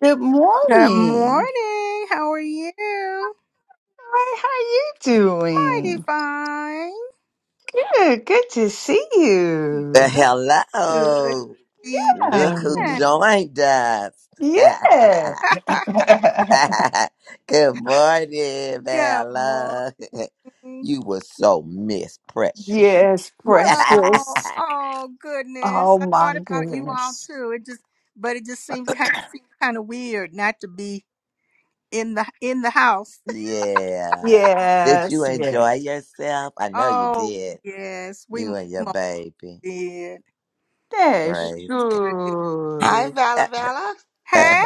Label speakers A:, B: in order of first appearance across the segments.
A: Good
B: Good
A: morning.
B: morning. How are you?
A: Hi, how you
B: Mighty
A: doing?
B: fine.
A: Good, good to see
C: Well,
A: you.
B: Yep. Good. to
C: hello.
B: Be
C: Look who
A: Um,
B: back.
C: joined us.
A: Yeah.
C: Good morning,
B: Good morning.
C: Bella. You were so miss precious.
A: yes,
B: Well,
A: precious.
B: oh goodness,
A: Oh
B: I thought
A: my
B: about you all
A: goodness.
B: too. It just, but it just seems kind of seems kind of weird not to be in the in the house.
C: yeah. Did you
A: Yes, yeah.
C: enjoy yourself? I know you
B: Oh
C: did.
B: yes, we
C: You
B: we
C: and your
B: most
C: baby.
B: did. We
A: That's
C: Praise
B: really
D: Hi,
A: good.
D: Vala
C: God.
D: Vala.
B: Hey,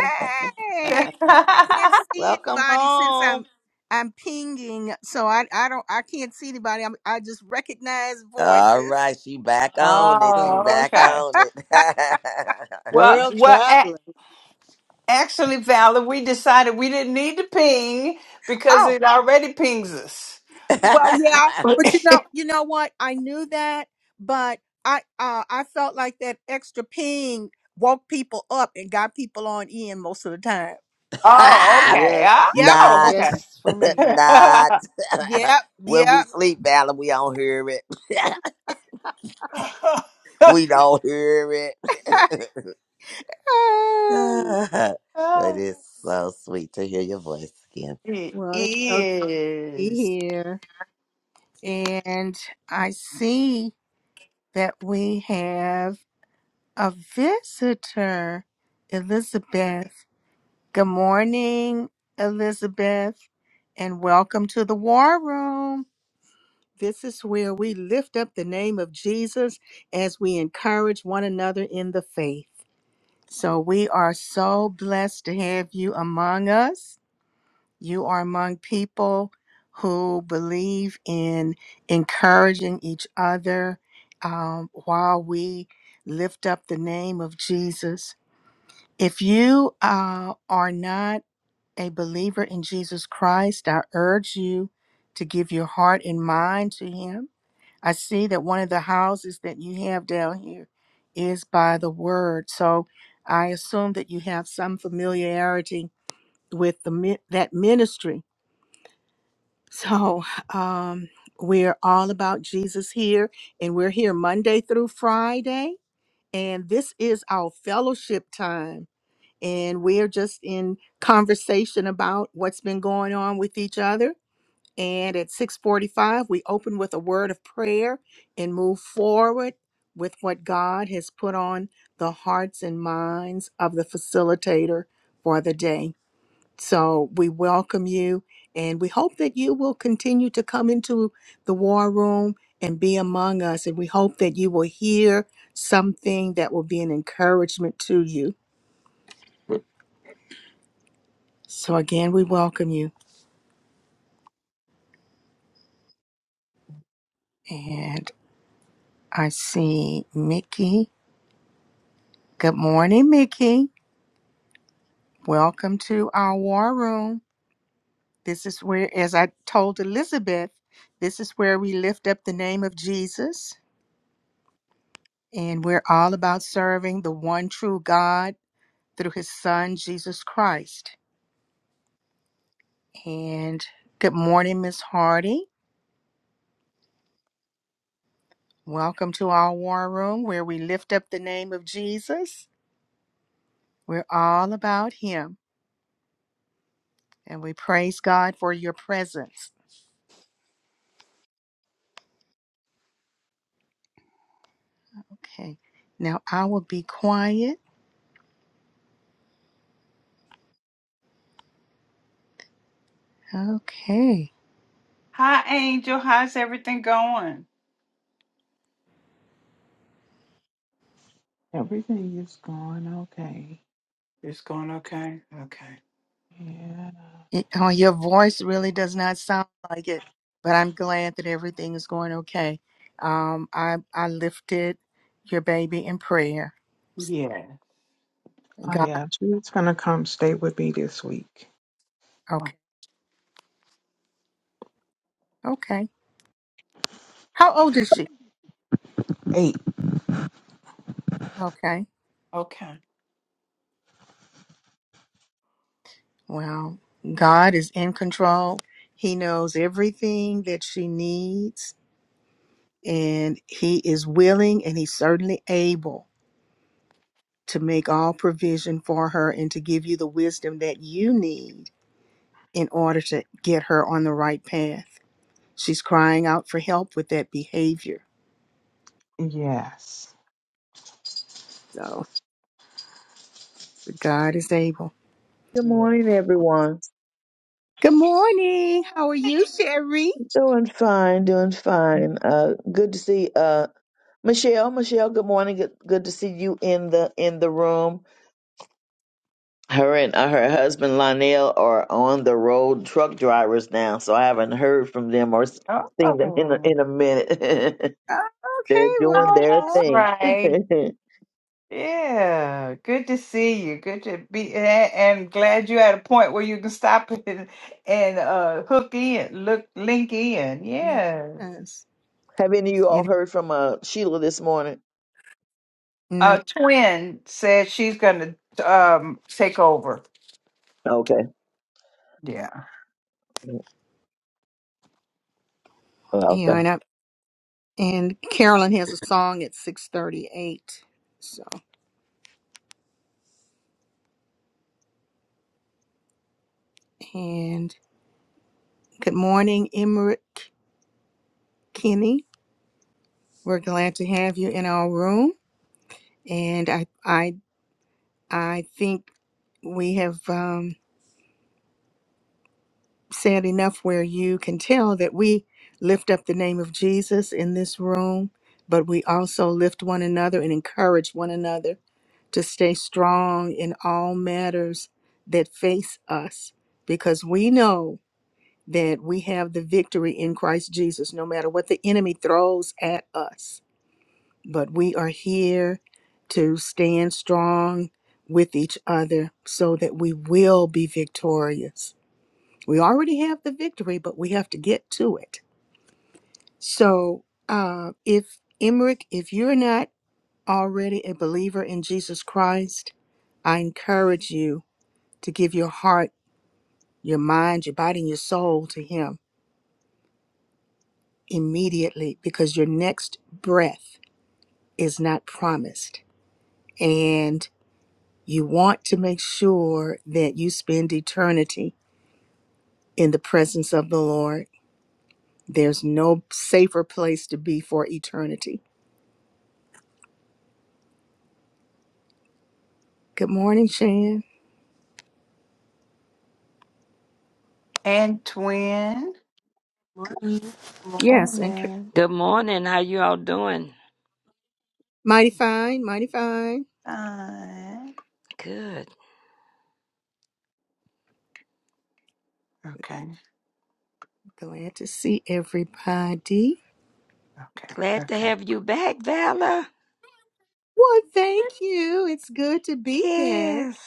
B: I can't see
D: Welcome
B: anybody since
D: home.
B: I'm I'm pinging, so I I don't I can't see anybody. I'm, I just recognize
C: All
B: voices.
C: right, she back
D: There you
C: on it. She
D: go.
A: oh,
C: back
A: okay.
C: on it.
A: Well,
D: World
A: well, a-
D: traveler.
A: actually, Valor, we decided we didn't need to ping because
B: oh,
A: it already pings us.
B: well, yeah, but you know you know what? I knew that, but I uh I felt like that extra ping woke people up and got people on in most of the time.
A: Oh, okay.
D: Yes,
B: Yep,
D: that's a
A: Oh,
C: Not
A: okay.
D: yes for me.
C: Not
B: yep,
C: when we
B: yep.
C: sleep, Alan, we don't hear it. we don't hear it. but it's so sweet to hear your voice again.
A: it
B: well, it's so good to be
A: is.
B: here, and I see. that we have a visitor, Elizabeth. Good morning, Elizabeth, and welcome to the War Room. This is where we lift up the name of Jesus as we encourage one another in the faith. So we are so blessed to have you among us. You are among people who believe in encouraging each other um, while we lift up the name of Jesus. If you uh, are not a believer in Jesus Christ, I urge you to give your heart and mind to Him. I see that one of the houses that you have down here is by the Word. So I assume that you have some familiarity with the, mi- that ministry so, um, we're all about Jesus here, and we're here Monday through Friday. And this is our fellowship time. And we're just in conversation about what's been going on with each other. And at 645, we open with a word of prayer and move forward with what God has put on the hearts and minds of the facilitator for the day. So we welcome you and we hope that you will continue to come into the war room and be among us. And we hope that you will hear something that will be an encouragement to you. So again, we welcome you. And I see Mickey. Good morning, Mickey. Welcome to our war room. This is where, as I told Elizabeth, this is where we lift up the name of Jesus. And we're all about serving the one true God through his son, Jesus Christ. And good morning, Miss Hardy. Welcome to our war room where we lift up the name of Jesus. We're all about him and we praise God for your presence. Okay, now I will be quiet. Okay.
A: Hi, Angel. How's everything going?
E: Everything is going okay.
A: It's going okay. Okay.
E: Yeah.
B: It- oh, your voice really does not sound like it, but I'm glad that everything is going okay. Um, I, I lifted your baby in prayer.
A: Yeah.
E: Oh,
B: God,
E: yeah. She's going to come stay with me this week.
B: okay, okay. How old is she?
E: Eight.
B: Okay.
A: Okay.
B: Well, God is in control. He knows everything that she needs, and He is willing and He's certainly able to make all provision for her and to give you the wisdom that you need in order to get her on the right path. She's crying out for help with that behavior.
E: Yes.
B: So, but God is able.
F: Good
A: Yeah.
F: morning, everyone.
B: Good morning. How are you, Sherry?
F: Doing fine, doing fine. Uh, good to see uh, Michelle. Michelle, good morning. Good, good to see you in the in the room. Her and uh, her husband Lionel are on the road truck drivers now, so I haven't heard from them or s- seen them in a,
A: Oh.
F: in a minute.
B: Oh,
F: They're
B: okay. Well,
F: doing
A: Oh,
F: their
A: that's
B: good
F: thing.
A: right.
F: Have
A: Yeah. Good to see you. Good to be and, and glad you're at a point where you can stop and, and uh hook in, look link in.
B: morning.
A: Yeah.
B: Yes.
F: any of you
B: You
F: all heard from uh, Sheila this morning?
B: know,
A: Uh, Twin said she's gonna um take over.
F: Okay.
A: Yeah.
F: Well,
B: you know,
F: Okay.
B: and And Carolyn has a song at 6:38. So, and good morning, Emmerich Kinney. We're glad to have you in our room. And I, I, I think we have um, said enough where you can tell that we lift up the name of Jesus in this room, but we also lift one another and encourage one another to stay strong in all matters that face us, because we know. that we have the victory in Christ Jesus, no matter what the enemy throws at us. But we are here to stand strong with each other so that we will be victorious. We already have the victory, but we have to get to it. So, uh, if Emmerich, if you're not already a believer in Jesus Christ, I encourage you to give your heart, your mind, your body, and your soul to Him immediately because your next breath is not promised. And you want to make sure that you spend eternity in the presence of the Lord. There's no safer place to be for eternity. Good morning, Shan.
A: And Twin.
G: morning.
B: Yes, and Car-
A: Morning.
H: Good morning. How you all doing?
B: mighty fine, mighty fine.
A: Fine.
H: Good.
A: Okay.
B: Glad to see everybody.
A: Okay.
H: Glad to
A: Okay.
H: have you back, Valor.
B: Well, thank you. It's good to be back.
H: Yes.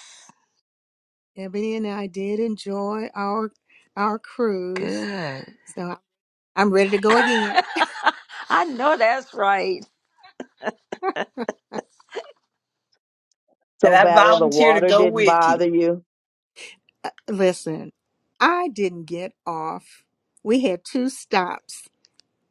B: Ebony and I did enjoy our our cruise.
H: Good.
B: So. I'm ready to go again.
H: I know that's right.
A: And
F: So
A: I
F: Vala, the
A: volunteer to
F: water
A: go
F: didn't
A: with you.
F: bother you.
B: Uh, Listen, I didn't get off. We had two stops,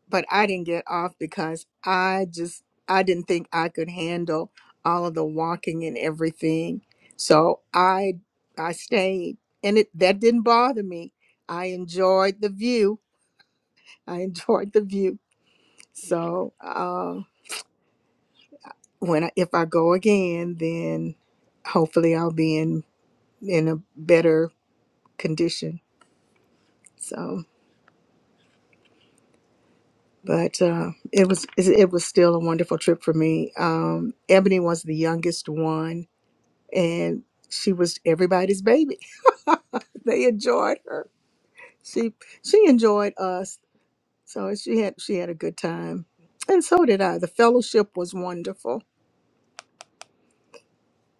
B: but I didn't get off because I just I didn't think I could handle all of the walking and everything. So I I stayed and it that didn't bother me. I enjoyed the view. I enjoyed the view. So uh, when I, if I go again, then hopefully I'll be in in a better condition. So. but uh, it was it was still a wonderful trip for me. Um, Ebony was the youngest one, and she was everybody's baby. They enjoyed her. She she enjoyed us. So she had she had a good time, and so did I. The fellowship was wonderful.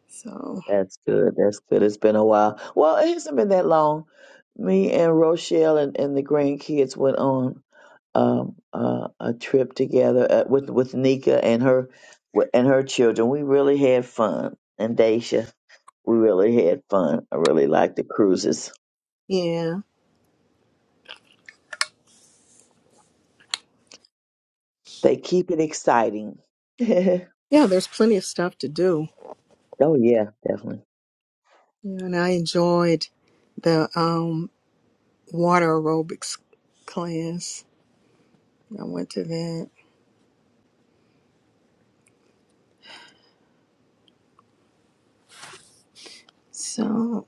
B: So
F: That's good. That's good. It's been a while. Well, it hasn't been that long. Me and Rochelle and, and the grandkids went on um, uh, a trip together uh, with with Nika and her wi- and her children. We really had fun, and Daisha, we really had fun. I really like the cruises.
B: yeah,
F: They keep it exciting. oh
B: yeah. There's plenty of stuff to do,
F: yeah, definitely.
B: Yeah, and I enjoyed the um, water aerobics class. I went to that. So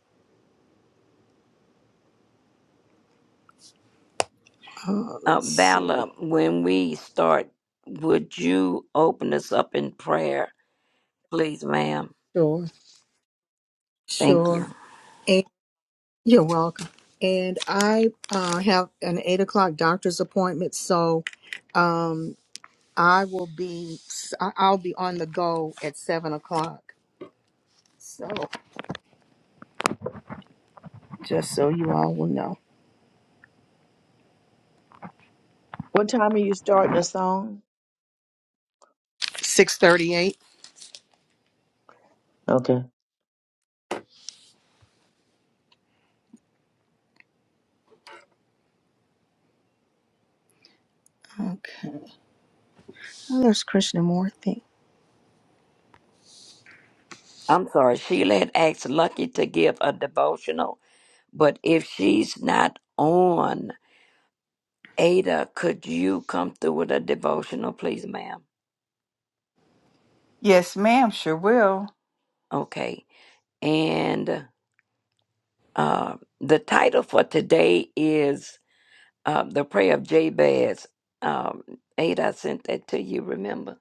B: uh,
H: Uh,
B: let's see.
H: Valor, when we start, would you open us up in prayer, please, ma'am?
B: Sure.
H: Thank you.
B: Sure. And you're welcome. And I uh, have an eight o'clock doctor's appointment, so um, I will be I- I'll be on the go at seven o'clock. So just so you all will know,
F: What time are you starting a song?
B: six thirty-eight.
F: Okay.
B: Okay. Well, there's Krishnamurti.
H: I'm sorry. Sheila had asked Lucky to give a devotional, but if she's not on, Ada, could you come through with a devotional, please, ma'am?
A: Yes, ma'am. Sure will.
H: Okay. And Uh, the title for today is uh, The Prayer of Jabez. Um, Ada, I sent that to you, remember?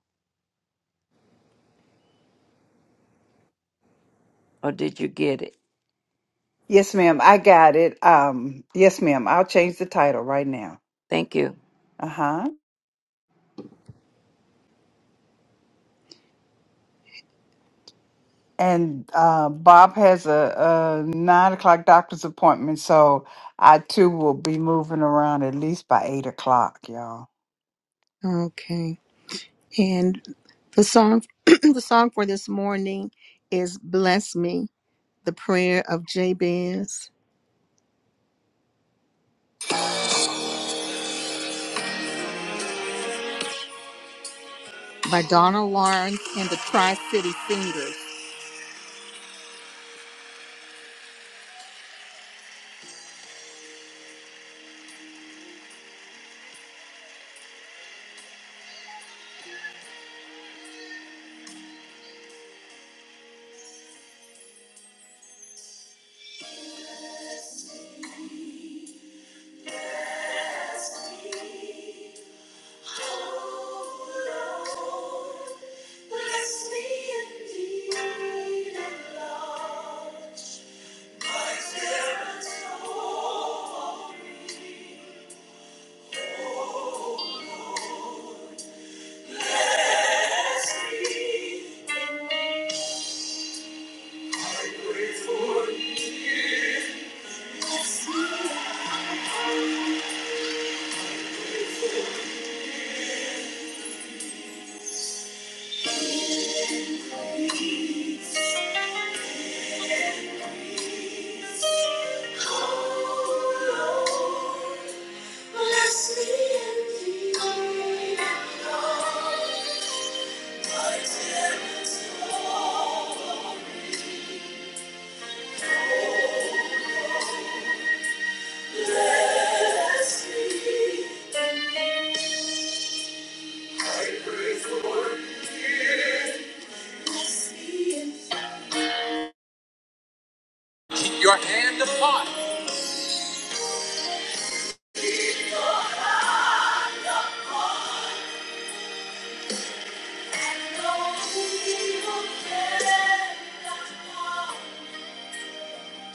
H: Or did you get it?
A: Yes, ma'am. I got it. Um. Yes, ma'am. I'll change the title right now.
H: Thank you.
A: Uh huh. And uh, Bob has a, a nine o'clock doctor's appointment, so I too will be moving around at least by eight o'clock, y'all.
B: Okay. And the song the song for this morning is "Bless Me," the prayer of Jabez by Donna Lawrence and the Tri City Singers. Thank you. Keep your hand upon.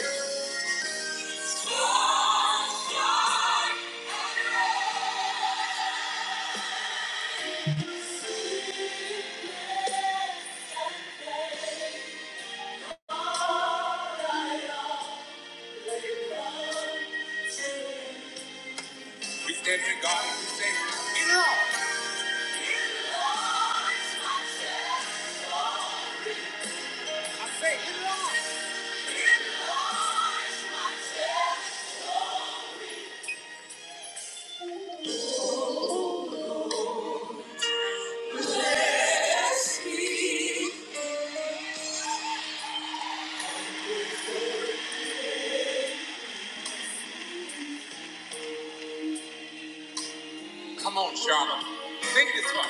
B: We stand here, God, and we say, it all! I say, it all! Come on, Charlotte. Sing this one.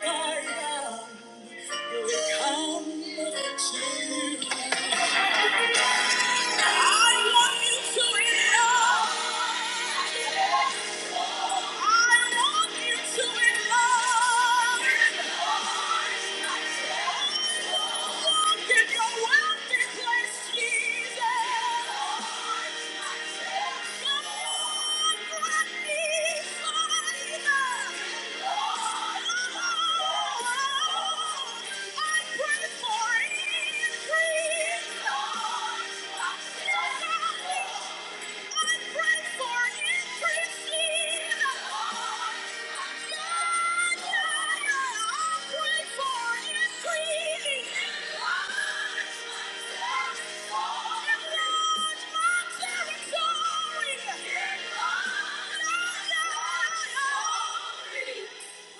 B: Oh, my God. I want you to know. I Thank you.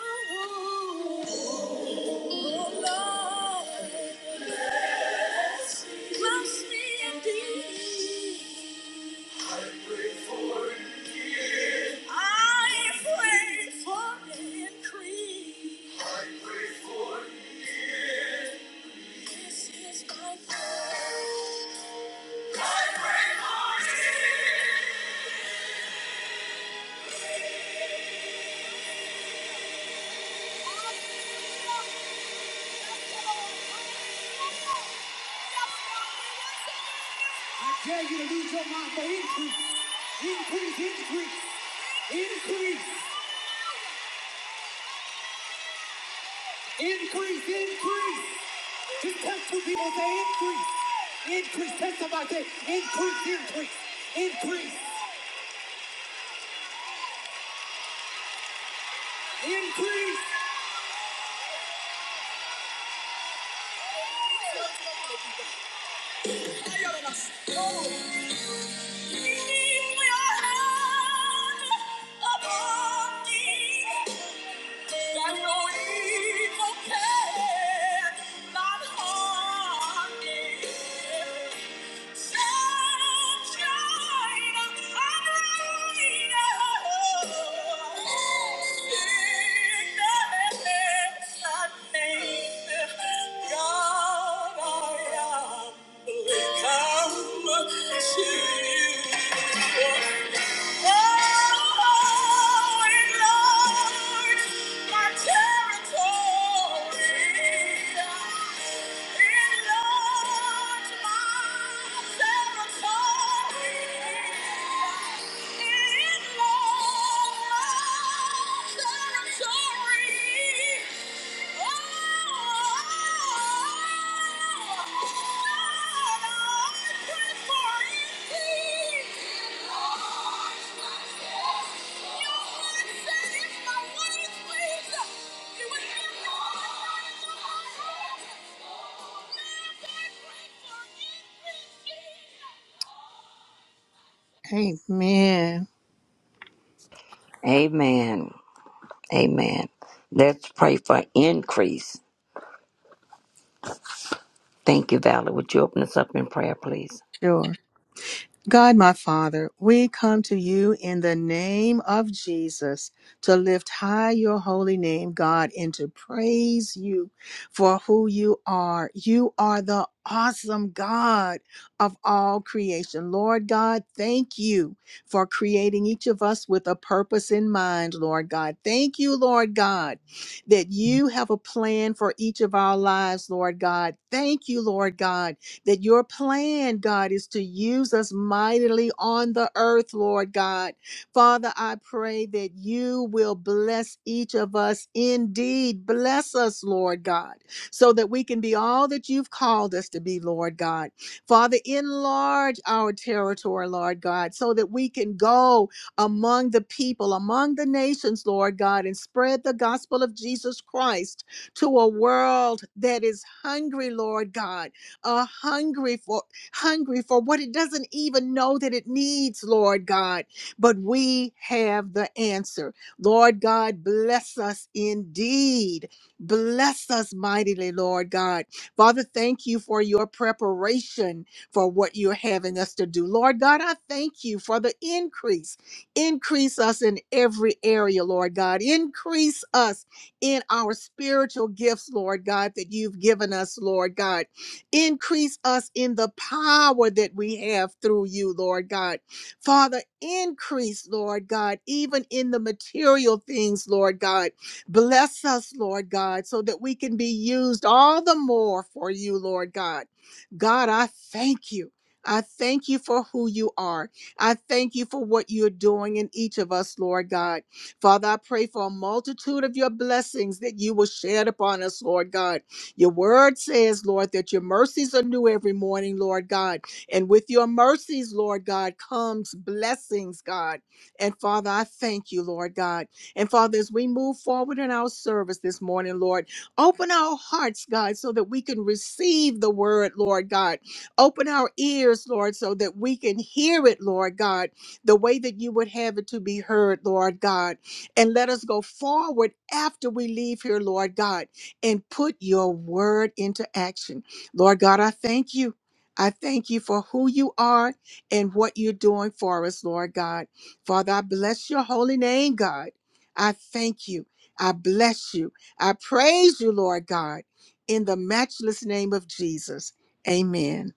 B: Oh, Lord, bless me indeed. I pray for increase. I pray for increase. This is my prayer. I pray for increase. Increase. Increase, increase. Just tell two people, say increase. Increase. Tell somebody, say increase, increase. Increase, increase. Come to you. Oh, Amen.
H: Amen. Amen. Let's pray for increase. Thank you, Valerie. Would you open us up in prayer, please?
B: Sure. God, my Father, we come to you in the name of Jesus to lift high your holy name, God, and to praise you for who you are. You are the awesome God of all creation. Lord God, thank you for creating each of us with a purpose in mind, Lord God. Thank you, Lord God, that you have a plan for each of our lives, Lord God. Thank you, Lord God that your plan, God, is to use us mightily on the earth, Lord God. Father, I pray that you will bless each of us indeed. Bless us, Lord God, so that we can be all that you've called us to be, Lord God. Father, enlarge our territory, Lord God, so that we can go among the people, among the nations, Lord God, and spread the gospel of Jesus Christ to a world that is hungry, Lord God uh, hungry for hungry for what it doesn't even know that it needs, Lord God. But we have the answer. Lord God, bless us indeed. Bless us mightily, Lord God. Father, thank you for your preparation for what you're having us to do. Lord God, I thank you for the increase. Increase us in every area, Lord God. Increase us in our spiritual gifts, Lord God, that you've given us, Lord God. Increase us in the power that we have through you, Lord God. Father, increase, Lord God, even in the material things, Lord God. Bless us, Lord God, so that we can be used all the more for you, Lord God. God, I thank you. I thank you for who you are. I thank you for what you're doing in each of us, Lord God. Father, I pray for a multitude of your blessings that you will shed upon us, Lord God. Your word says, Lord, that your mercies are new every morning, Lord God. And with your mercies, Lord God, comes blessings, God. And Father, I thank you, Lord God. And Father, as we move forward in our service this morning, Lord, open our hearts, God, so that we can receive the word, Lord God. Open our ears, Lord, so that we can hear it, Lord God, the way that you would have it to be heard, Lord God. And let us go forward after we leave here, Lord God and put your word into action. Lord God, I thank you. I thank you for who you are and what you're doing for us, Lord God. Father, I bless your holy name, God. I thank you. I bless you. I praise you, Lord God, in the matchless name of Jesus. Amen.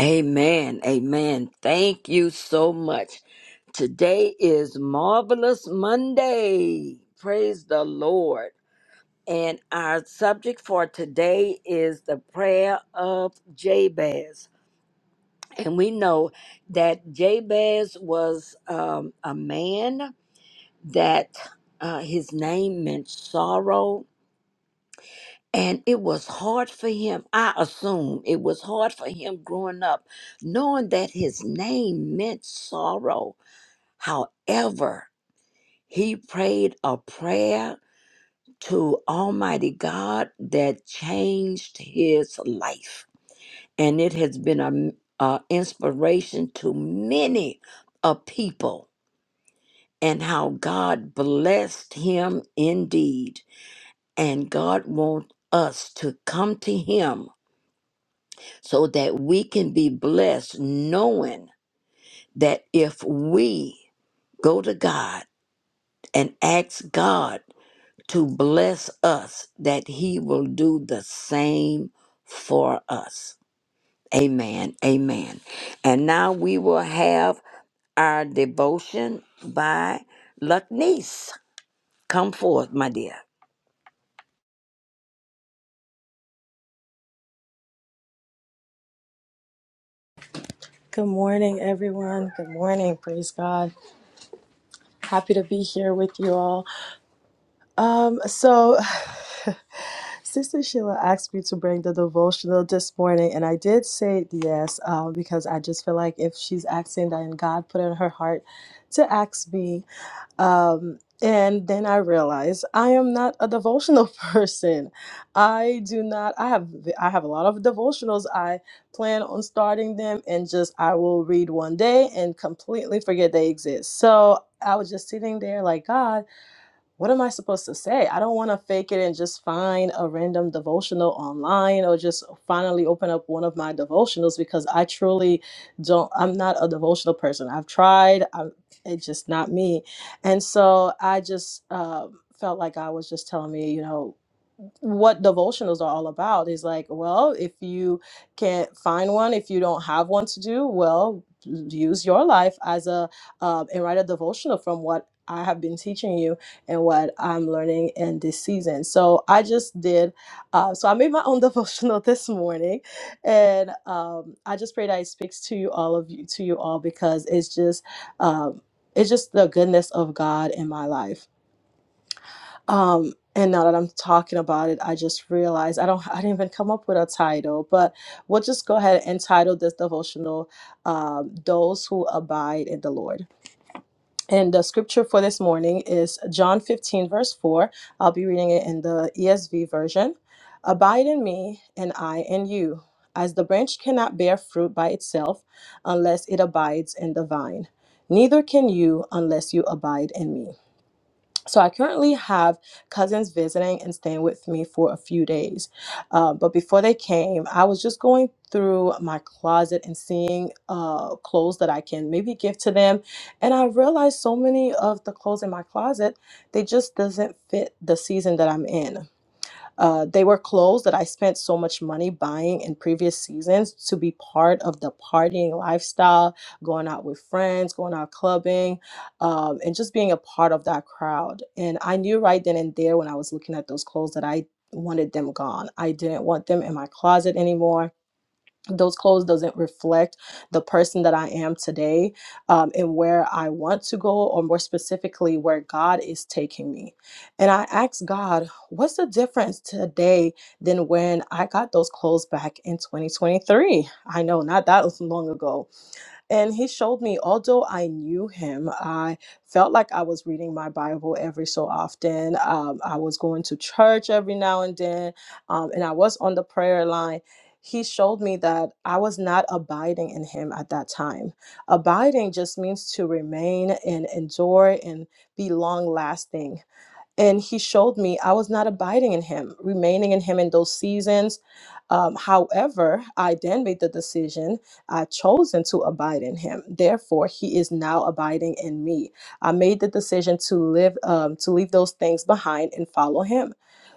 H: Amen. Amen. Thank you so much. Today is Marvelous Monday. Praise the Lord. And our subject for today is the prayer of Jabez. And we know that Jabez was um, a man that uh, his name meant sorrow. And it was hard for him, I assume it was hard for him growing up, knowing that his name meant sorrow. However, he prayed a prayer to Almighty God that changed his life. And it has been an inspiration to many a people and how God blessed him indeed. And God wants us to come to him so that we can be blessed, knowing that if we go to God and ask God, to bless us that he will do the same for us. Amen. Amen. And now we will have our devotion by Luckneese. Come forth, my dear.
I: Good morning, everyone. Good morning. Praise God. Happy to be here with you all. So, Sister Sheila asked me to bring the devotional this morning, and I did say yes um, because I just feel like if she's asking, that, and God put it in her heart to ask me um, and then I realized I am not a devotional person. I do not. I have. I have a lot of devotionals. I plan on starting them, and just I will read one day and completely forget they exist. So I was just sitting there like God what am I supposed to say? I don't want to fake it and just find a random devotional online or just finally open up one of my devotionals because I truly don't, I'm not a devotional person. I've tried, I'm, it's just not me. And so I just um felt like I was just telling me, you know, what devotionals are all about is like well if you can't find one if you don't have one to do well use your life as a uh, and write a devotional from what i have been teaching you and what I'm learning in this season. So I just did, uh, so I made my own devotional this morning, and um, I just pray that it speaks to you all of you to you all because it's just um, it's just the goodness of God in my life. Um, and now that I'm talking about it, I just realized I don't I didn't even come up with a title, but we'll just go ahead and title this devotional um, "Those Who Abide in the Lord." And the scripture for this morning is John 15, verse 4. I'll be reading it in the ESV version. Abide in me, and I in you, as the branch cannot bear fruit by itself unless it abides in the vine. Neither can you unless you abide in me. So I currently have cousins visiting and staying with me for a few days. Uh, but before they came, I was just going through my closet and seeing uh, clothes that I can maybe give to them. And I realized so many of the clothes in my closet, they just doesn't fit the season that I'm in. Uh, they were clothes that I spent so much money buying in previous seasons to be part of the partying lifestyle, going out with friends, going out clubbing, um, and just being a part of that crowd. And I knew right then and there when I was looking at those clothes that I wanted them gone. I didn't want them in my closet anymore those clothes doesn't reflect the person that i am today um, and where i want to go or more specifically where god is taking me and i asked god what's the difference today than when i got those clothes back in 2023 i know not that long ago and he showed me, although I knew him, I felt like I was reading my Bible every so often. Um, I was going to church every now and then, um, and I was on the prayer line. He showed me that I was not abiding in him at that time. Abiding just means to remain and endure and be long lasting. And he showed me I was not abiding in him, remaining in him in those seasons. Um, however, I then made the decision, I chosen to abide in him. Therefore, he is now abiding in me. I made the decision to live, um, to leave those things behind and follow him.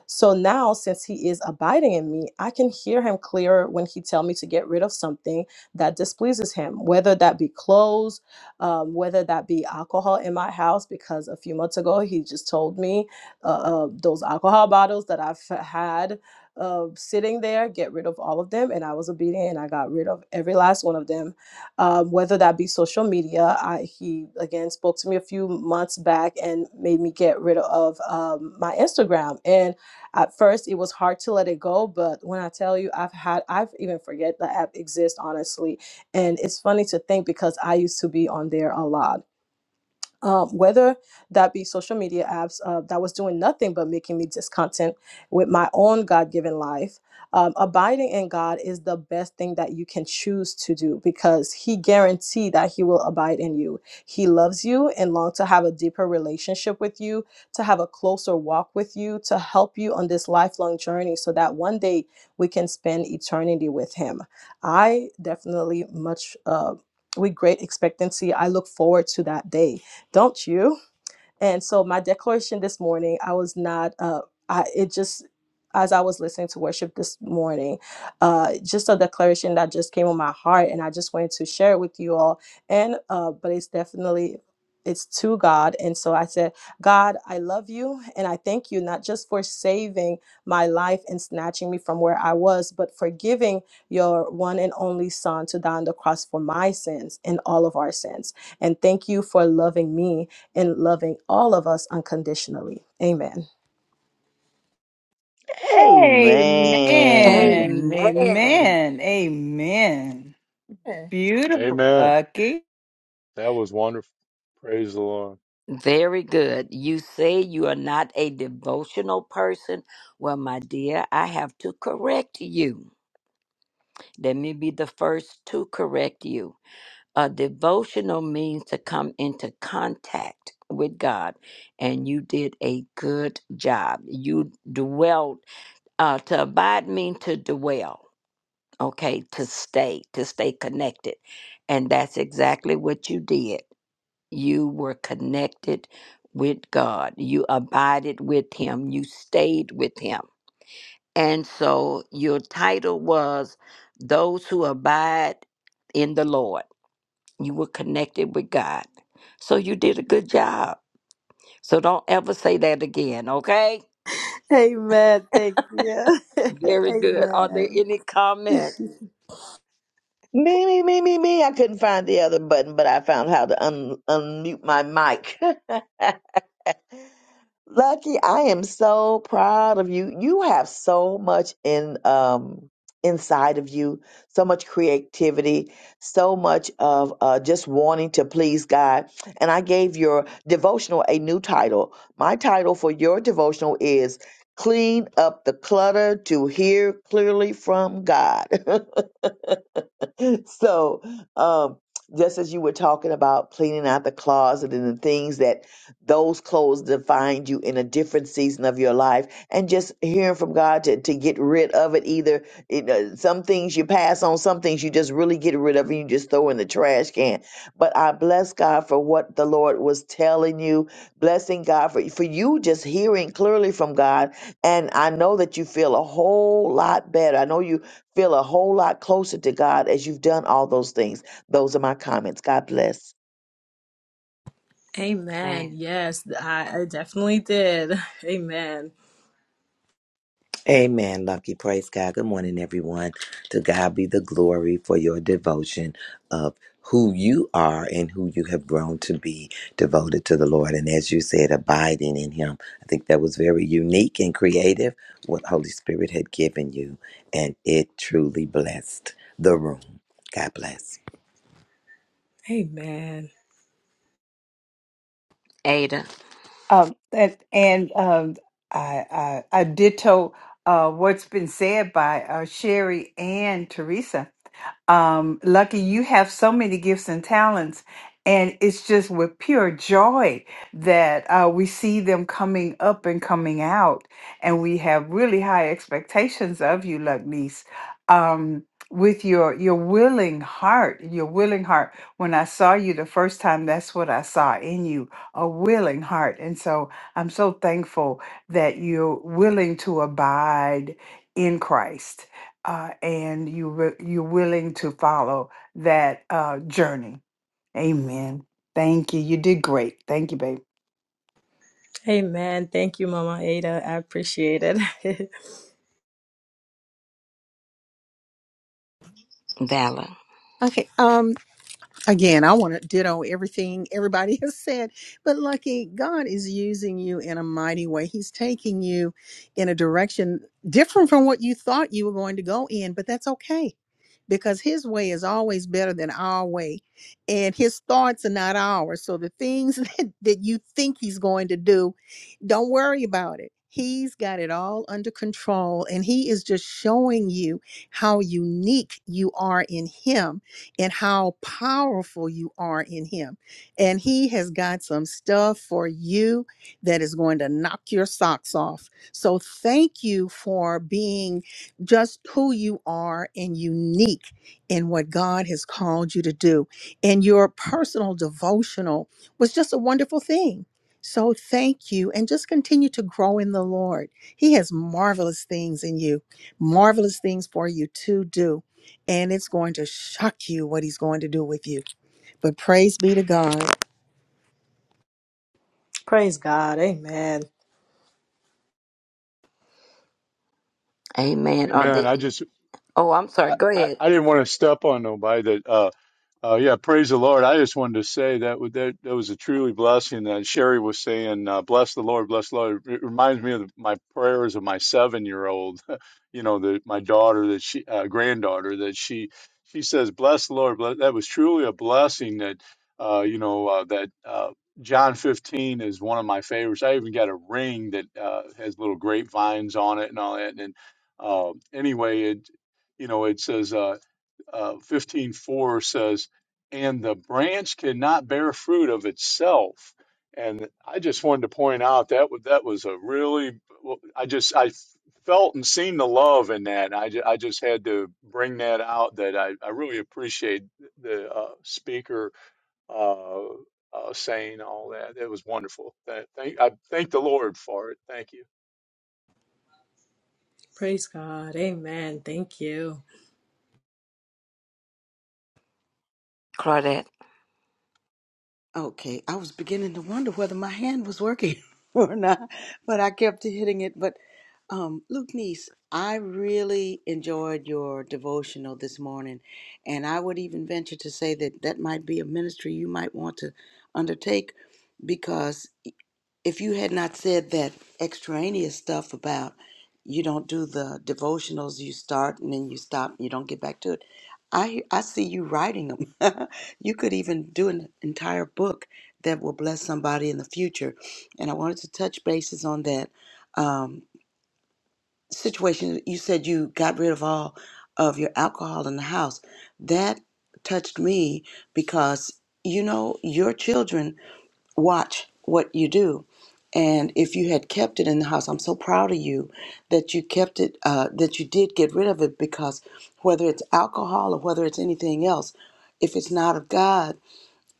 I: So now, since he is abiding in me, I can hear him clearer when he tell me to get rid of something that displeases him, whether that be clothes, um, whether that be alcohol in my house, because a few months ago he just told me uh, uh, those alcohol bottles that I've had uh, sitting there, get rid of all of them. And I was obedient and I got rid of every last one of them, um, whether that be social media. I, he, again, spoke to me a few months back and made me get rid of um, my Instagram. And at first, it was hard to let it go. But when I tell you, I've had, I've even forget the app exists, honestly. And it's funny to think because I used to be on there a lot um, whether that be social media apps uh, that was doing nothing but making me discontent with my own God given life. Um, abiding in God is the best thing that you can choose to do because He guaranteed that He will abide in you. He loves you and longs to have a deeper relationship with you, to have a closer walk with you, to help you on this lifelong journey so that one day we can spend eternity with Him. I definitely much. Uh, with great expectancy, I look forward to that day don't you? And so my declaration this morning, I was not uh I it just as I was listening to worship this morning, uh just a declaration that just came on my heart and I just wanted to share it with you all. And uh but it's definitely it's to God. And so I said, God, I love you and I thank you not just for saving my life and snatching me from where I was, but for giving your one and only son to die on the cross for my sins and all of our sins. And thank you for loving me and loving all of us unconditionally. Amen.
A: Amen.
F: Amen.
H: Amen.
A: Amen. Amen. Beautiful,
J: Amen.
A: Lucky.
J: That was wonderful. Praise the Lord.
H: Very good. You say you are not a devotional person. Well, my dear, I have to correct you. Let me be the first to correct you. A devotional means to come into contact with God, and you did a good job. You dwelled. Uh, to abide means to dwell, okay, to stay, to stay connected. And that's exactly what you did. You were connected with God, you abided with Him, you stayed with Him. And so your title was Those Who Abide in the Lord. You were connected with God. So you did a good job. So don't ever say that again, okay?
I: Amen. Thank you.
H: Very good. Are there
I: Amen.
H: any comments?
F: Me, me, me, me, me. I couldn't find the other button, but I found how to un- unmute my mic. Lucky, I am so proud of you. You have so much in um inside of you, so much creativity, so much of uh, just wanting to please God. And I gave your devotional a new title. My title for your devotional is "Clean Up the Clutter to Hear Clearly from God." so, um, just as you were talking about cleaning out the closet and the things that those clothes defined you in a different season of your life, and just hearing from God to, to get rid of it, either you know, some things you pass on, some things you just really get rid of and you just throw in the trash can. But I bless God for what the Lord was telling you, blessing God for, for you just hearing clearly from God. And I know that you feel a whole lot better. I know you feel a whole lot closer to God as you've done all those things. Those are my comments. God bless.
I: Amen.
H: Amen.
I: Yes, I, I definitely did. Amen.
C: Amen, Lucky. Praise God. Good morning, everyone. To God be the glory for your devotion of who you are and who you have grown to be devoted to the Lord. And as you said, abiding in Him. I think that was very unique and creative what Holy Spirit had given you. And it truly blessed the room. God bless.
I: Amen.
H: Ada,
A: Um, and and um, I, I I ditto uh, what's been said by uh, Sherry and Teresa. Um, Lucky, you have so many gifts and talents, and it's just with pure joy that uh, we see them coming up and coming out, and we have really high expectations of you, Luckneese. Um, with your your willing heart, your willing heart. When I saw you the first time, that's what I saw in you a willing heart. And so I'm so thankful that you're willing to abide in Christ uh, and you wi- you're willing to follow that uh, journey. Amen. Thank you. You did great. Thank you, babe.
I: Amen. Thank you, Mama Ada. I appreciate it.
H: Valor.
B: Okay. Um. Again, I want to ditto everything everybody has said, but lucky God is using you in a mighty way. He's taking you in a direction different from what you thought you were going to go in, but that's okay because his way is always better than our way and his thoughts are not ours so the things that, that you think he's going to do don't worry about it he's got it all under control and he is just showing you how unique you are in him and how powerful you are in him and he has got some stuff for you that is going to knock your socks off so thank you for being just who you are and unique in what God has called you to do. And your personal devotional was just a wonderful thing. So thank you and just continue to grow in the Lord. He has marvelous things in you, marvelous things for you to do. And it's going to shock you what he's going to do with you. But praise be to God.
I: Praise God. Amen.
H: Amen. Are
J: Amen.
H: there
J: I just
H: Oh, I'm sorry.
J: I,
H: Go
J: I,
H: ahead,
J: I didn't want to step on nobody that uh, Oh yeah, praise the Lord. I just wanted to say that would- that, that was a truly blessing that Sherry was saying, uh, bless the Lord, bless the Lord. It reminds me of my prayers of my seven-year-old, you know, the, my daughter that she, uh, granddaughter that she, she says, bless the Lord. Bless. That was truly a blessing that, uh, you know, uh, that, uh, John 15 is one of my favorites. I even got a ring that, uh, has little grapevines on it and all that. And, uh, anyway, it, you know, it says, uh uh, 15:4 says, "And the branch cannot bear fruit of itself." And I just wanted to point out that wa- that was a really well, I just I felt and seen the love in that. I just, I just had to bring that out that I, I really appreciate the uh, speaker uh, uh, saying all that. It was wonderful. That, thank I thank the Lord for it. Thank you.
I: Praise God. Amen. Thank you.
H: Claudette.
D: Okay, I was beginning to wonder whether my hand was working or not, but I kept hitting it. But um, Luke Niece, I really enjoyed your devotional this morning, and I would even venture to say that that might be a ministry you might want to undertake because if you had not said that extraneous stuff about you don't do the devotionals, you start and then you stop, you don't get back to it. I I see you writing them. you could even do an entire book that will bless somebody in the future. And I wanted to touch bases on that um, situation. You said you got rid of all of your alcohol in the house. That touched me because you know your children watch what you do. And if you had kept it in the house, I'm so proud of you that you kept it, uh, that you did get rid of it because whether it's alcohol or whether it's anything else, if it's not of God,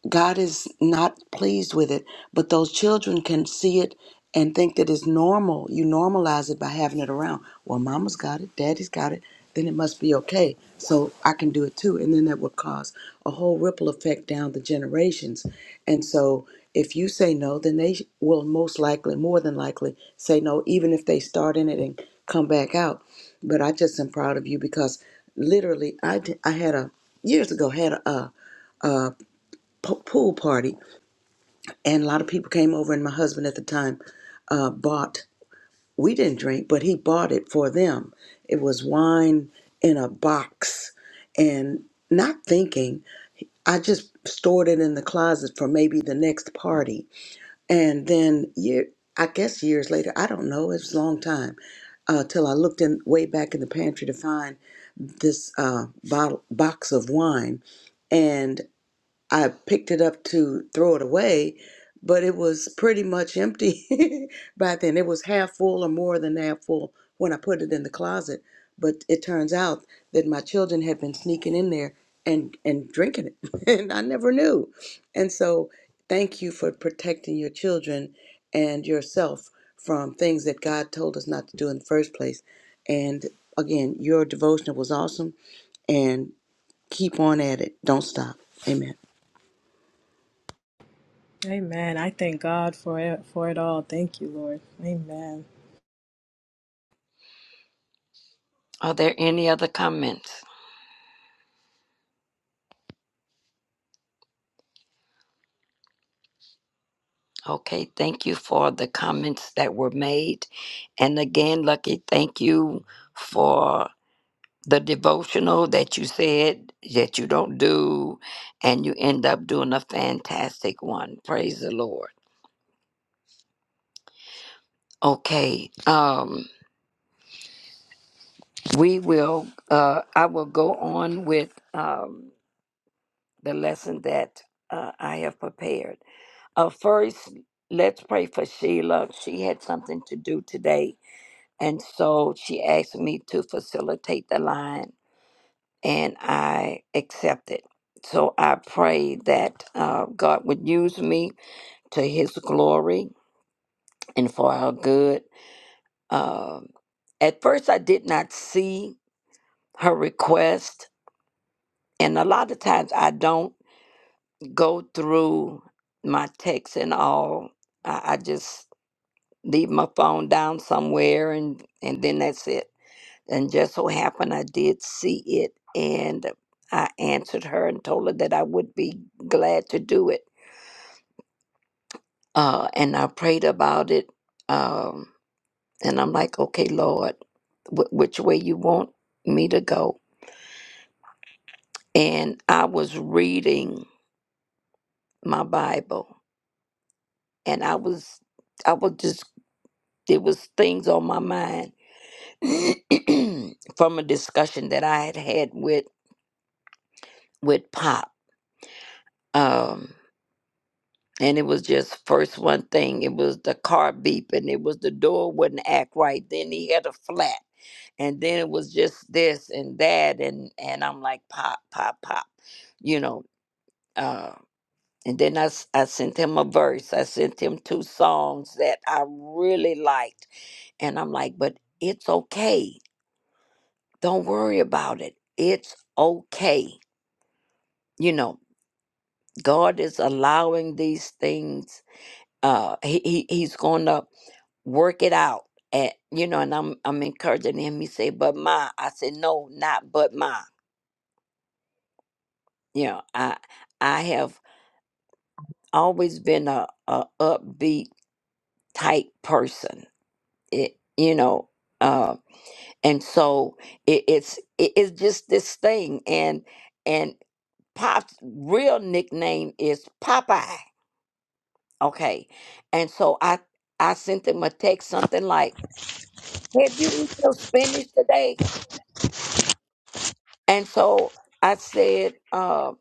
D: God is not pleased with it, but those children can see it and think that it's normal. You normalize it by having it around. Well, mama's got it, daddy's got it, then it must be okay. So I can do it too. And then that will cause a whole ripple effect down the generations. And so if you say no, then they will most likely, more than likely, say no, even if they start in it and come back out. But I just am proud of you because literally, I, d- I had a years ago had a, a po- pool party and a lot of people came over and my husband at the time uh, bought we didn't drink but he bought it for them it was wine in a box and not thinking i just stored it in the closet for maybe the next party and then year, i guess years later i don't know it was a long time uh, till i looked in way back in the pantry to find this uh, bottle box of wine and. I picked it up to throw it away, but it was pretty much empty by then. It was half full or more than half full when I put it in the closet. But it turns out that my children had been sneaking in there and and drinking it, and I never knew. And so, thank you for protecting your children and yourself from things that God told us not to do in the first place. And again, your devotional was awesome, and keep on at it. Don't stop. Amen.
I: Amen. I thank God for it for it all. Thank you, Lord. Amen.
H: Are there any other comments? Okay, thank you for the comments that were made. And again, Lucky, thank you for the devotional that you said that you don't do and you end up doing a fantastic one praise the lord okay um we will uh i will go on with um the lesson that uh, i have prepared uh first let's pray for sheila she had something to do today and so she asked me to facilitate the line and I accept it. So I pray that uh, God would use me to His glory and for our good. Um, at first, I did not see her request, and a lot of times I don't go through my texts and all. I, I just leave my phone down somewhere, and and then that's it. And just so happened I did see it and I answered her and told her that I would be glad to do it. Uh, and I prayed about it. Um, and I'm like, okay, Lord, wh- which way you want me to go? And I was reading my Bible and I was, I was just, there was things on my mind from a discussion that I had had with, with Pop. Um, and it was just first one thing it was the car beeping it was the door wouldn't act right then he had a flat and then it was just this and that and and i'm like pop pop pop you know uh and then I, s- I sent him a verse i sent him two songs that i really liked and i'm like but it's okay don't worry about it it's okay you know god is allowing these things uh he, he he's gonna work it out and you know and i'm i'm encouraging him he said but ma i said no not but ma you know i i have always been a, a upbeat type person it you know uh and so it, it's it, it's just this thing and and pop's real nickname is popeye okay and so i i sent him a text something like have you eaten your spinach today And so I said uh,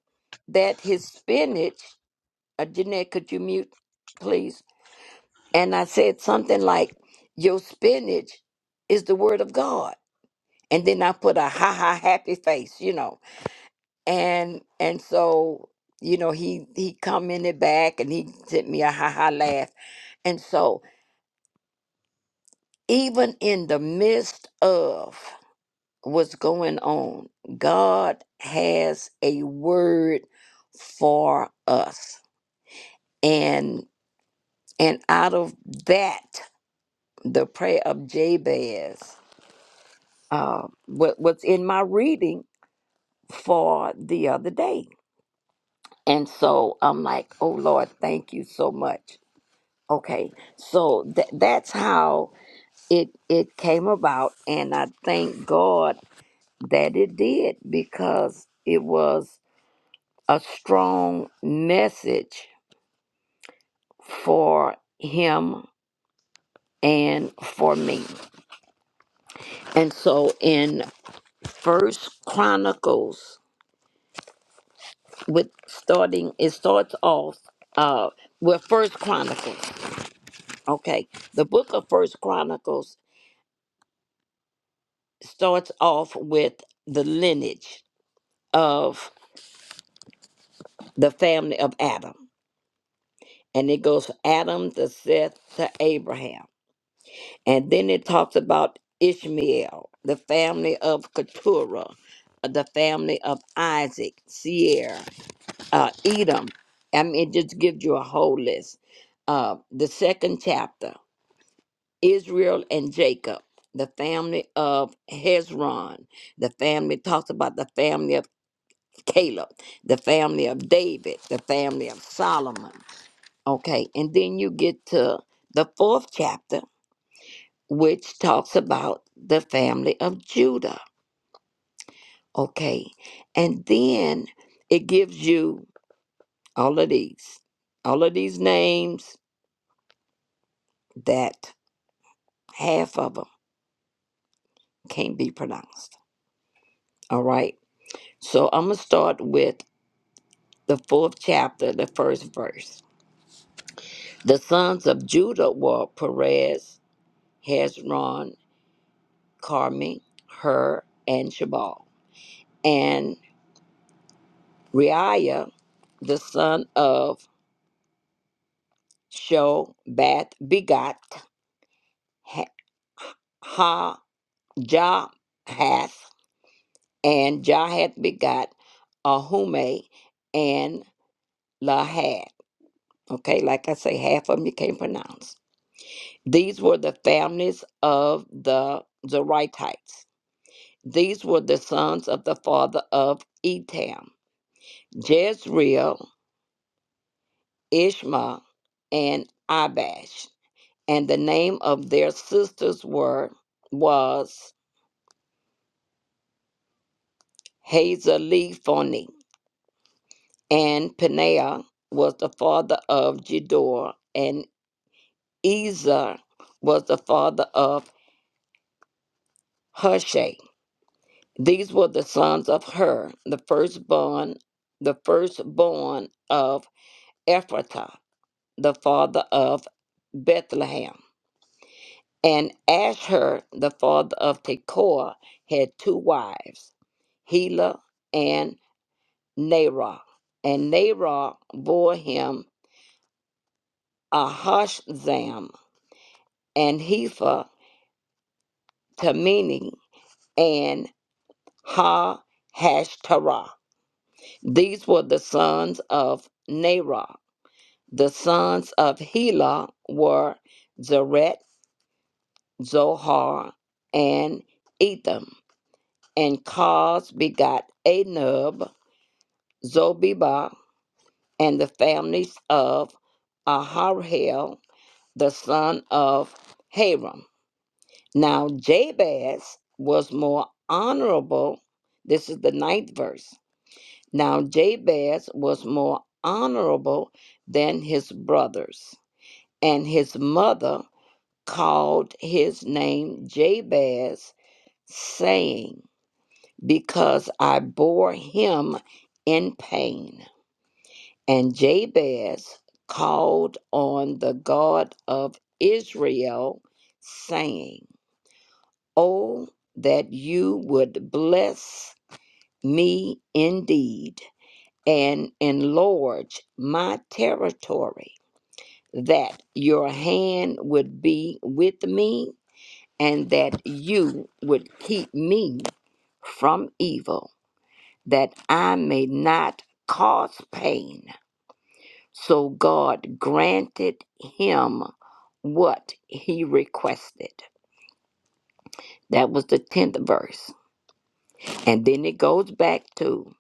H: that his spinach, uh, Jeanette, could you mute, please? And I said something like, Your spinach is the word of God. And then I put a ha ha happy face, you know. And and so, you know, he he commented back and he sent me a ha ha laugh. And so even in the midst of what's going on, God has a word for us and and out of that the prayer of jabez uh, what was in my reading for the other day and so i'm like oh lord thank you so much okay so tha that's how it it came about and i thank god that it did because it was a strong message for him and for me and so in First Chronicles with starting it starts off uh with First Chronicles. Okay. The book of First Chronicles starts off with the lineage of the family of Adam. And it goes from Adam to Seth to Abraham. And then it talks about Ishmael, the family of Keturah, uh, the family of Isaac, Seir. uh, Edom. I mean, it just gives you a whole list. Uh, the second chapter Israel and Jacob, the family of Hezron, the family talks about the family of Caleb, the family of David, the family of Solomon. Okay, and then you get to the fourth chapter, which talks about the family of Judah. Okay, and then it gives you all of these, all of these names that half of them can't be pronounced. All right. So I'm going to start with the fourth chapter, the first verse. The sons of Judah were Perez, Hezron, Carmi, Hur, and Shabal. And Reiah, the son of Shobat, begot Ha, Jahath, and Jahath begot Ahume and Lahad. Okay, like I say, half of them you can't pronounce. These were the families of the Zeratites. These were the sons of the father of Etam, Jezreel, Ishma, and Abash. And the name of their sisters were was Hazalephoni. And Peniah was the father of Jedor, and Ezer was the father of Hushai. These were the sons of Hur, the firstborn, the firstborn of Ephratah, the father of Bethlehem. And Asher, the father of Tekoa, had two wives, Hela and Nerah. And Nerah bore him Ahazam and Hepha, Tamini, and Ha Hashtarah. These were the sons of Nerah. The sons of Hela were Zereth, Zohar, and Etham. And Cos begot Anub, Zobeba, and the families of Aharhel, the son of Haram. Now Jabez was more honorable. This is the ninth verse. Now Jabez was more honorable than his brothers, and his mother called his name Jabez, saying, Because I bore him in pain. And Jabez called on the God of Israel, saying, Oh, that you would bless me indeed and enlarge my territory, that your hand would be with me and that you would keep me from evil, that I may not cause pain. So God granted him what he requested. That was the 10th verse. And then it goes back to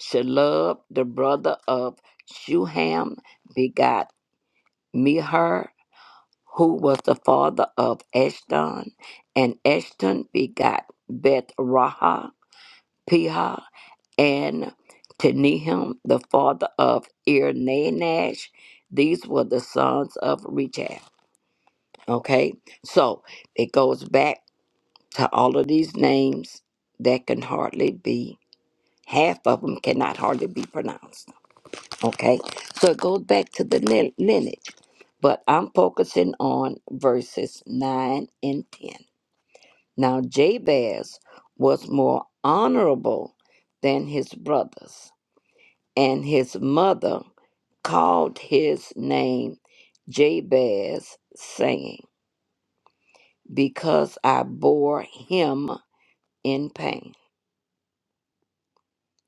H: Shalub, the brother of Shuham, begot Mihar, who was the father of Eshton, and Eshton begot Beth Raha, and to Nehum, the father of Ir These were the sons of Rechab. Okay, so it goes back to all of these names that can hardly be, half of them cannot hardly be pronounced. Okay, so it goes back to the lin- lineage, but I'm focusing on verses 9 and 10. Now, Jabez was more honorable than his brothers and his mother called his name Jabez, saying, Because I bore him in pain.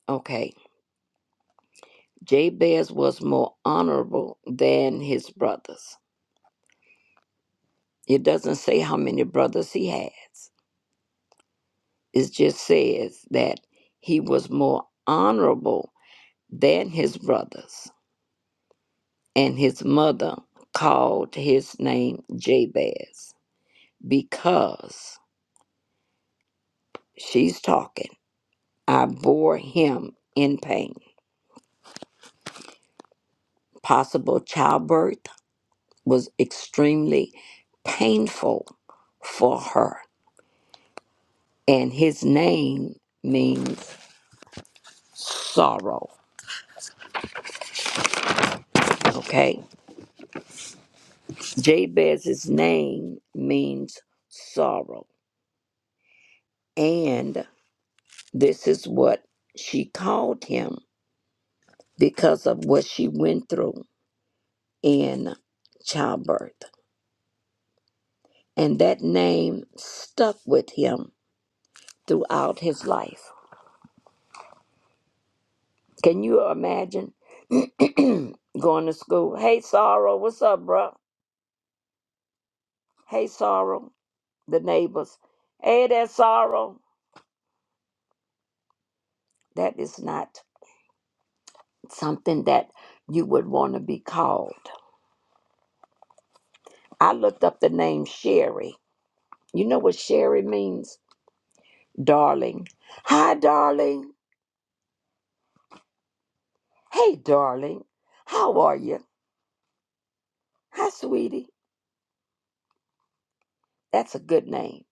H: Okay, Jabez was more honorable than his brothers. It doesn't say how many brothers he has, it just says that he was more honorable than his brothers, and his mother called his name Jabez because she's talking. I bore him in pain. Possible childbirth was extremely painful for her, and his name means sorrow. Okay, Jabez's name means sorrow, and this is what she called him because of what she went through in childbirth, and that name stuck with him throughout his life. Can you imagine going to school? Hey, sorrow, what's up, bro? Hey, sorrow, the neighbors. Hey, that sorrow. That is not something that you would want to be called. I looked up the name Sherry. You know what Sherry means? Darling. Hi, darling. Hey, darling. How are you? Hi, sweetie. That's a good name.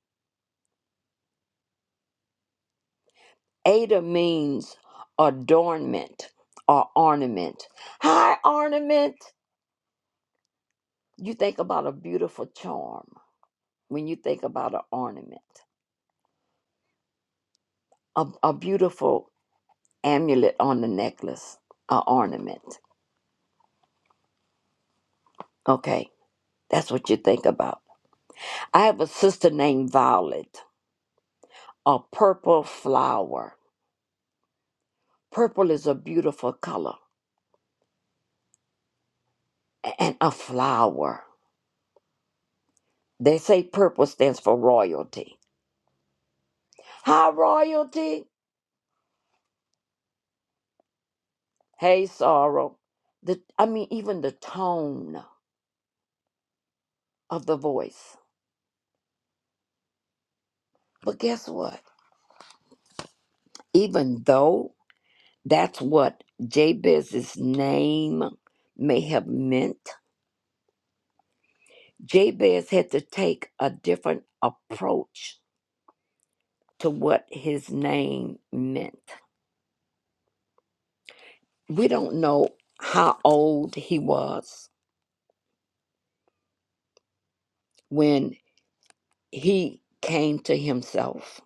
H: Ada means adornment or ornament. Hi, ornament. You think about a beautiful charm when you think about an ornament, a, a beautiful amulet on the necklace, an ornament. Okay, that's what you think about. I have a sister named Violet, a purple flower. Purple is a beautiful color a- and a flower. They say purple stands for royalty. Hi, royalty. Hey, sorrow. The, I mean, even the tone of the voice. But guess what? Even though That's what Jabez's name may have meant. Jabez had to take a different approach to what his name meant. We don't know how old he was when he came to himself.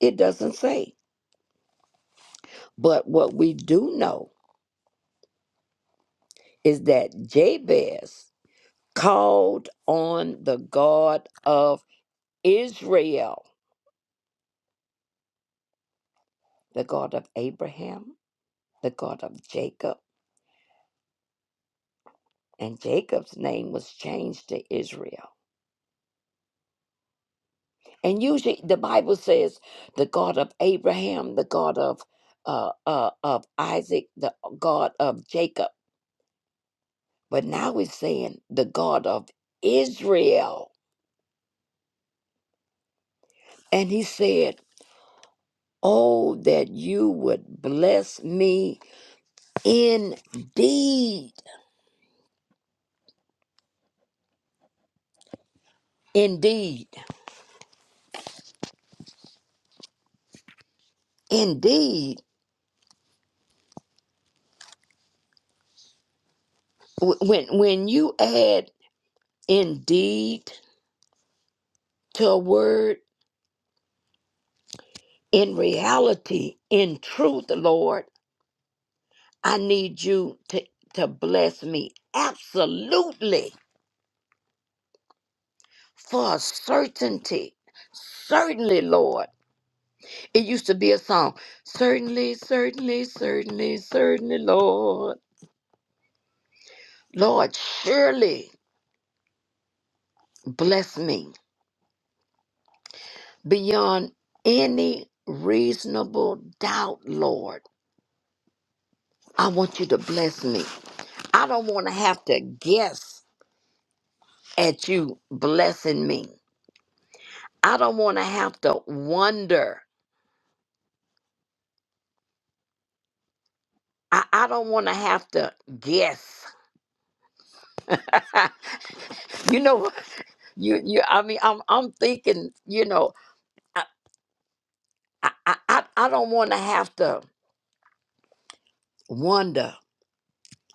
H: It doesn't say. But what we do know is that Jabez called on the God of Israel, the God of Abraham, the God of Jacob and Jacob's name was changed to Israel. And usually the Bible says the God of Abraham, the God of uh, uh, of Isaac, the God of Jacob. But now he's saying the God of Israel. And he said, Oh, that you would bless me indeed. Indeed. Indeed. Wh- When when you add indeed to a word, in reality, in truth, Lord, I need you to, to bless me absolutely for a certainty. Certainly, Lord. It used to be a song. Certainly, certainly, certainly, certainly, Lord. Lord, surely bless me beyond any reasonable doubt, Lord. I want you to bless me. I don't want to have to guess at you blessing me. I don't want to have to wonder. I, I don't want to have to guess. you know, you you. I mean, I'm I'm thinking. You know, I I I, I I don't want to have to wonder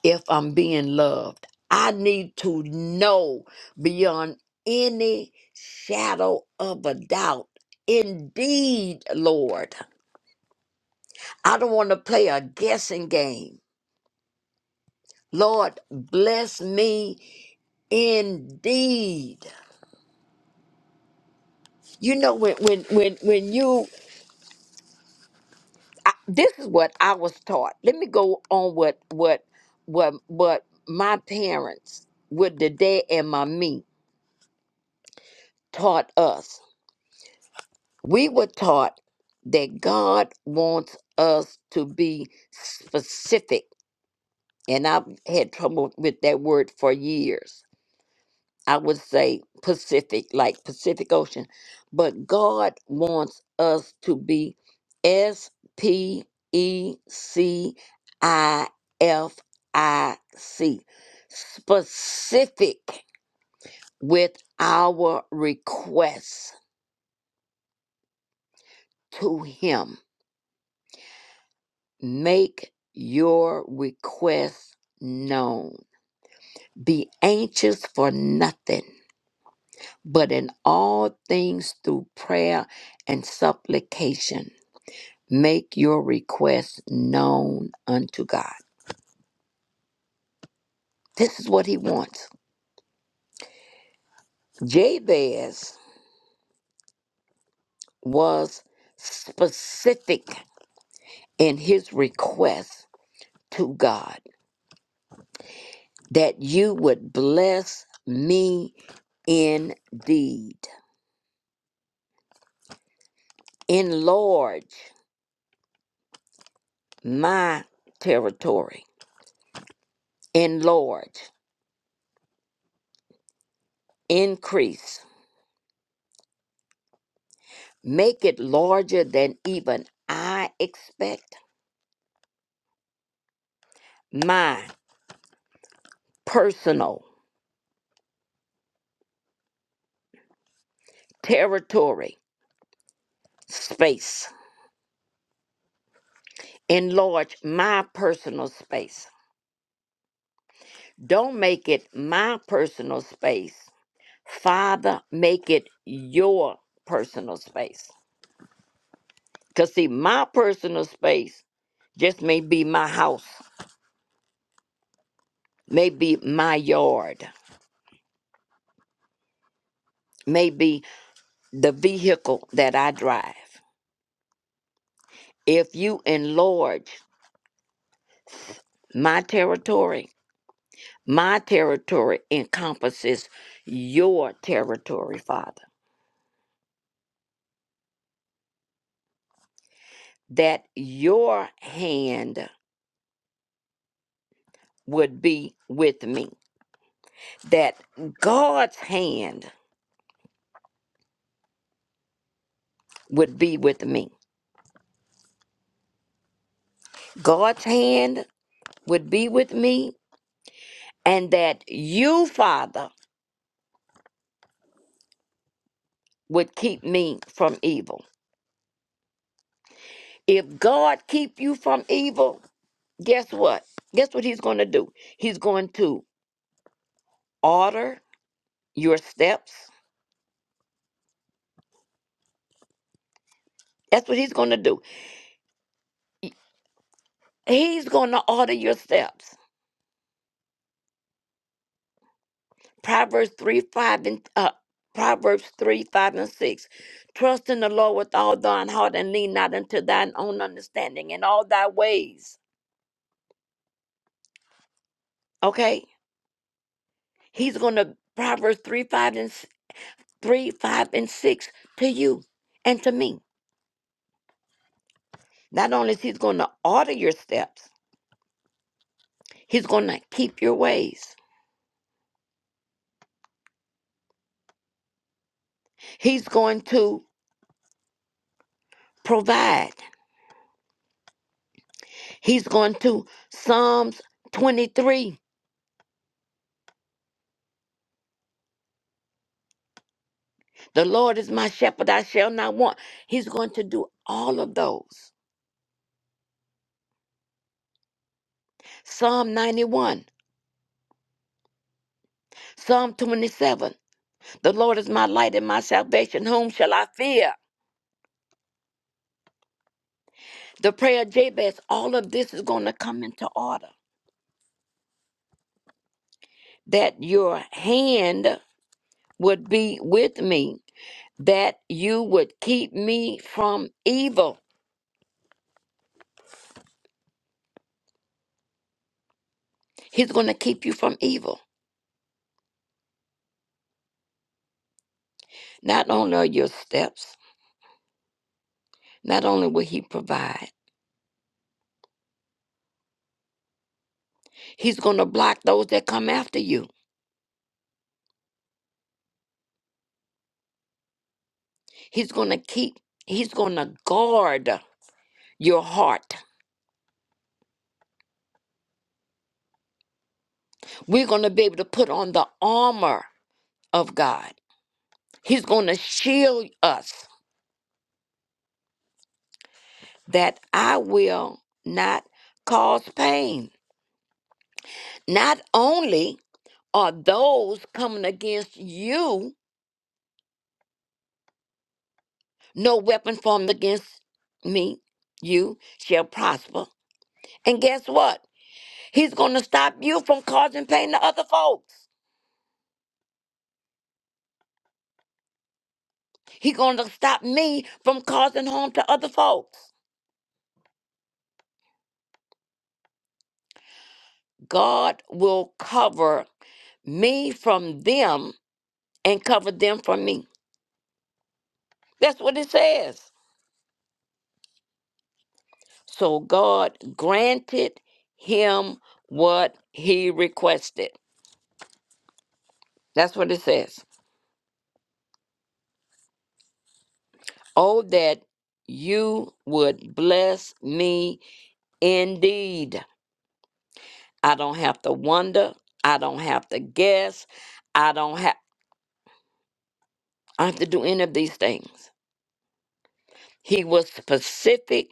H: if I'm being loved. I need to know beyond any shadow of a doubt. Indeed, Lord, I don't want to play a guessing game. Lord, bless me indeed. You know when when when when you I, this is what I was taught. Let me go on what what what what my parents, what the dad and my me taught us. We were taught that God wants us to be specific, and I've had trouble with that word for years I would say Pacific, like Pacific Ocean. But God wants us to be S P E C I F I C, specific with our requests to Him. Make your requests known. Be anxious for nothing, but in all things through prayer and supplication Make your request known unto God. This is what he wants. Jabez was specific in his request to God that you would bless me indeed, enlarge my territory, enlarge, increase, make it larger than even I expect my personal territory space. Enlarge my personal space. Don't make it my personal space. Father, make it your personal space. Because, see, my personal space just may be my house, may be my yard, may be the vehicle that I drive. If you enlarge my territory, my territory encompasses your territory, Father, that your hand would be with me, that God's hand would be with me. God's hand would be with me, and that you, Father, would keep me from evil. If God keep you from evil, guess what? Guess what he's going to do? He's going to order your steps. That's what he's going to do. He's going to order your steps. Proverbs 3, 5, and uh, Proverbs 3, 5, and 6. Trust in the Lord with all thine heart and lean not unto thine own understanding in all thy ways. Okay? He's going to, Proverbs 3, 5, and s- 3, 5, and 6 to you and to me. Not only is he's going to order your steps, he's going to keep your ways. He's going to provide. He's going to, Psalms 23 The Lord is my shepherd, I shall not want. He's going to do all of those. Psalm 91, Psalm 27. The Lord is my light and my salvation. Whom shall I fear? The prayer of Jabez, all of this is going to come into order. That your hand would be with me, that you would keep me from evil. He's going to keep you from evil. Not only are your steps, not only will He provide, He's going to block those that come after you. He's going to keep, he's going to guard your heart. We're going to be able to put on the armor of God. He's going to shield us that I will not cause pain. Not only are those coming against you, no weapon formed against me, you shall prosper. And guess what? He's going to stop you from causing pain to other folks. He's going to stop me from causing harm to other folks. God will cover me from them and cover them from me. That's what it says. So God granted him what he requested. That's what it says. Oh, that you would bless me indeed. I don't have to wonder. I don't have to guess. I don't have I have to do any of these things. He was specific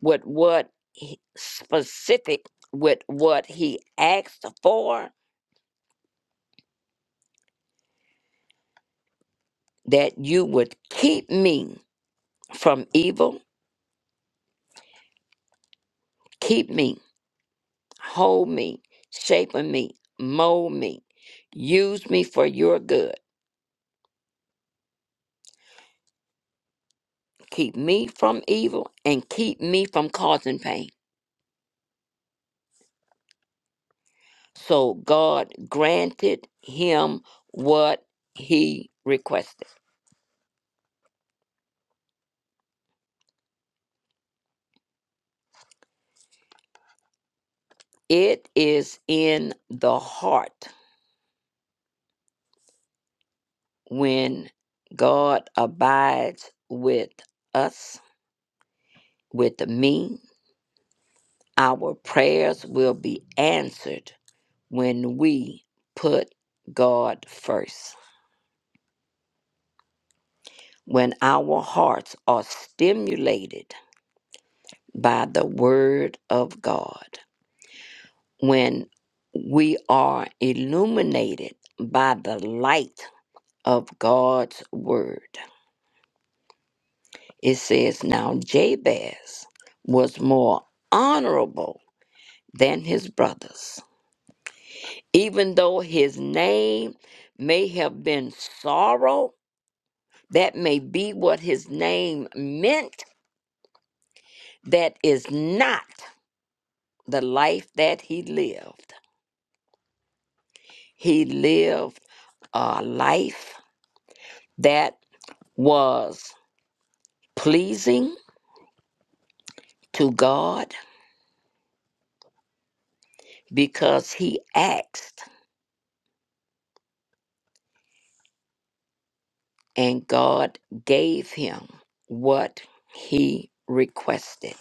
H: with what he, specific with what he asked for that you would keep me from evil keep me hold me shape of me mold me use me for your good keep me from evil and keep me from causing pain so god granted him what he requested it is in the heart when God abides with us, with me, our prayers will be answered when we put God first. When our hearts are stimulated by the Word of God, when we are illuminated by the light of God's Word. It says, Now Jabez was more honorable than his brothers. Even though his name may have been sorrow, that may be what his name meant, that is not the life that he lived. He lived a life that was pleasing to God because he asked and God gave him what he requested.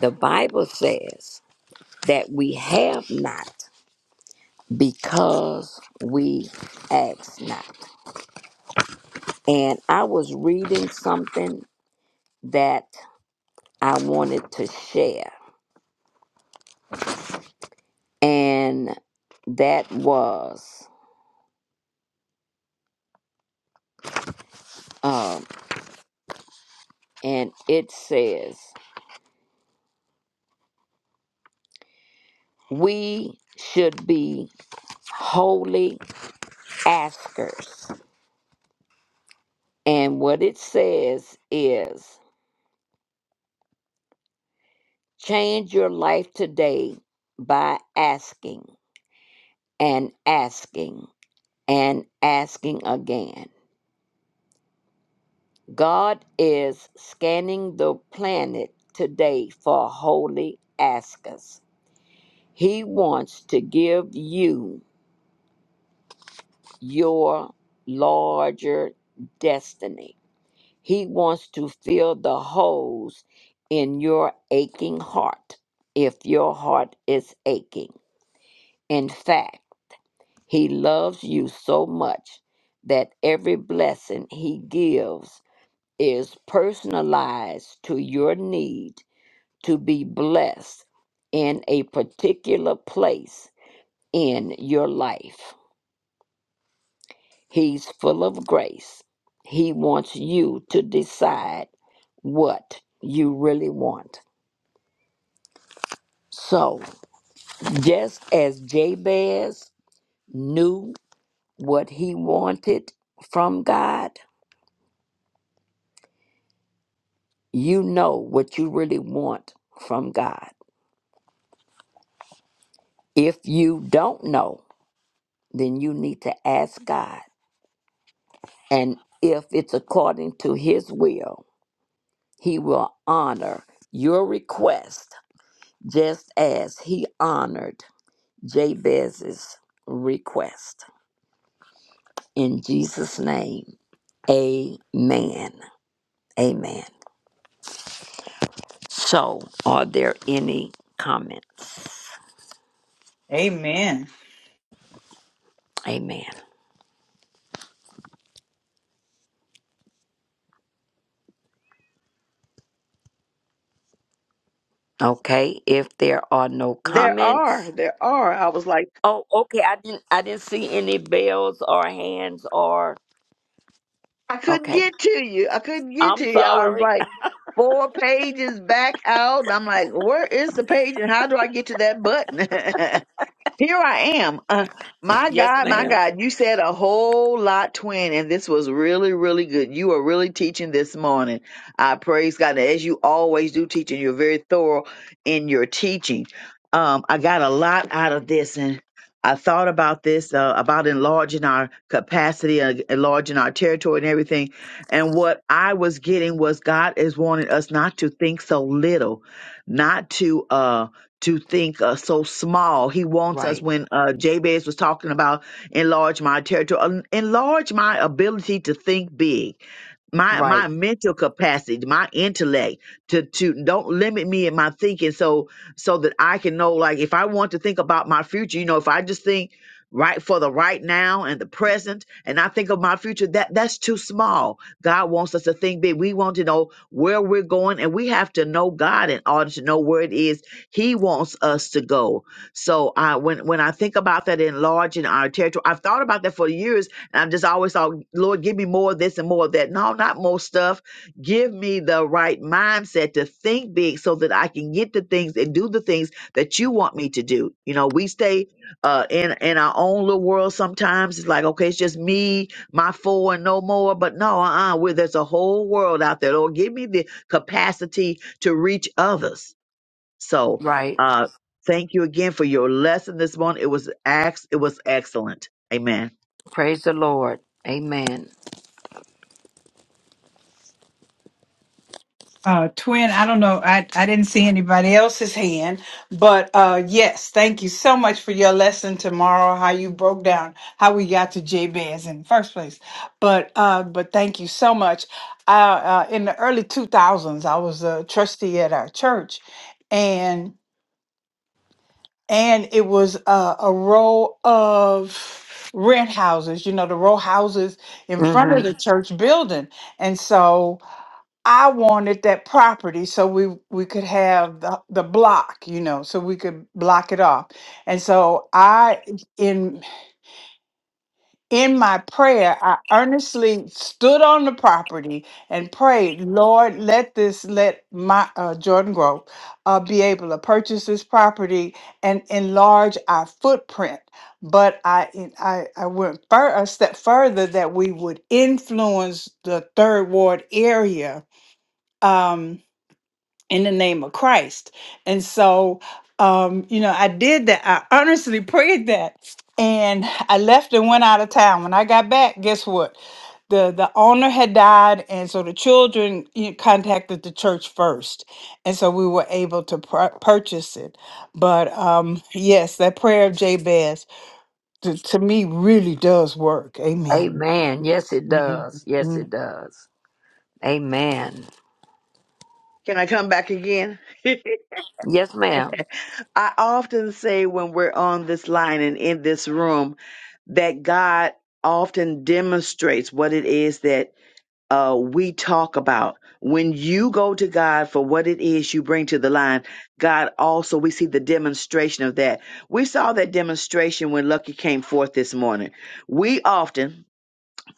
H: The Bible says, that we have not because we ask not. And I was reading something that I wanted to share, and that was, um, and it says, we should be holy askers. And what it says is, change your life today by asking and asking and asking again. God is scanning the planet today for holy askers. He wants to give you your larger destiny. He wants to fill the holes in your aching heart if your heart is aching. In fact, He loves you so much that every blessing He gives is personalized to your need to be blessed in a particular place in your life. He's full of grace. He wants you to decide what you really want. So, just as Jabez knew what he wanted from God, you know what you really want from God. If you don't know, then you need to ask God. And if it's according to His will, He will honor your request just as He honored Jabez's request. In Jesus' name, amen. Amen. So, are there any comments?
A: Amen.
H: Amen. Okay, if there are no
F: There
H: comments,
F: are, there are. I was like,
H: oh, okay. I didn't, I didn't see any bells or hands or
F: I couldn't
H: okay.
F: get to you. I couldn't get
H: I'm
F: to you. I was
H: sorry.
F: like, four pages back out. I'm like, where is the page and how do I get to that button? Here I am. Uh, my
H: yes,
F: God, my
H: ma'am.
F: God, you said a whole lot, twin, and this was really, really good. You are really teaching this morning. I praise God. As you always do, teaching, you're very thorough in your teaching. Um, I got a lot out of this, and I thought about this uh, about enlarging our capacity, uh, enlarging our territory, and everything. And what I was getting was God is wanting us not to think so little, not to. uh to think uh, so small. He wants us
H: Right,
F: when uh, Jabez was talking about enlarge my territory, en- enlarge my ability to think big my
H: right,
F: my mental capacity my intellect to to don't limit me in my thinking so so that i can know like if i want to think about my future you know if i just think right for the right now and the present and i think of my future that that's too small god wants us to think big we want to know where we're going and we have to know god in order to know where it is he wants us to go so i when when i think about that enlarging our territory i've thought about that for years I'm just always thought, Lord, give me more of this and more of that. No, not more stuff. Give me the right mindset to think big so that I can get the things and do the things that you want me to do. You know, we stay uh in in our own little world sometimes. It's like, okay, it's just me, my four and no more. But no, uh-uh, where there's a whole world out there. Lord, give me the capacity to reach others. So
H: right.
F: uh thank you again for your lesson this morning. It was ex it was excellent. Amen.
H: Praise the Lord. Amen.
A: Uh, twin, I don't know. I, I didn't see anybody else's hand, but uh, yes, thank you so much for your lesson tomorrow. How you broke down how we got to Jabez in the first place, but uh, but thank you so much. Uh, uh, in the early two thousands, I was a trustee at our church, and and it was uh, a row of rent houses. You know the row houses in front
H: hmm
A: of the church building, and so I wanted that property so we we could have the, the block, you know, so we could block it off. And so I in in my prayer, I earnestly stood on the property and prayed, Lord, let this let my uh, Jordan Grove uh, be able to purchase this property and enlarge our footprint. But I I, I went fur- a step further that we would influence the third ward area. Um, in the name of Christ. And so, um, you know, I did that. I honestly prayed that. And I left and went out of town. When I got back, guess what? The the owner had died, and so the children you know, contacted the church first, and so we were able to pur- purchase it. But um, yes, that prayer of Jabez to, to me really does work. Amen.
H: Amen. Yes, it
A: Amen.
H: does. Yes,
A: Mm.
H: it does. Amen.
F: Can I come back again?
H: Yes, ma'am.
F: I often say when we're on this line and in this room that God often demonstrates what it is that uh, we talk about. When you go to God for what it is you bring to the line, God also, we see the demonstration of that. We saw that demonstration when Lucky came forth this morning. We often,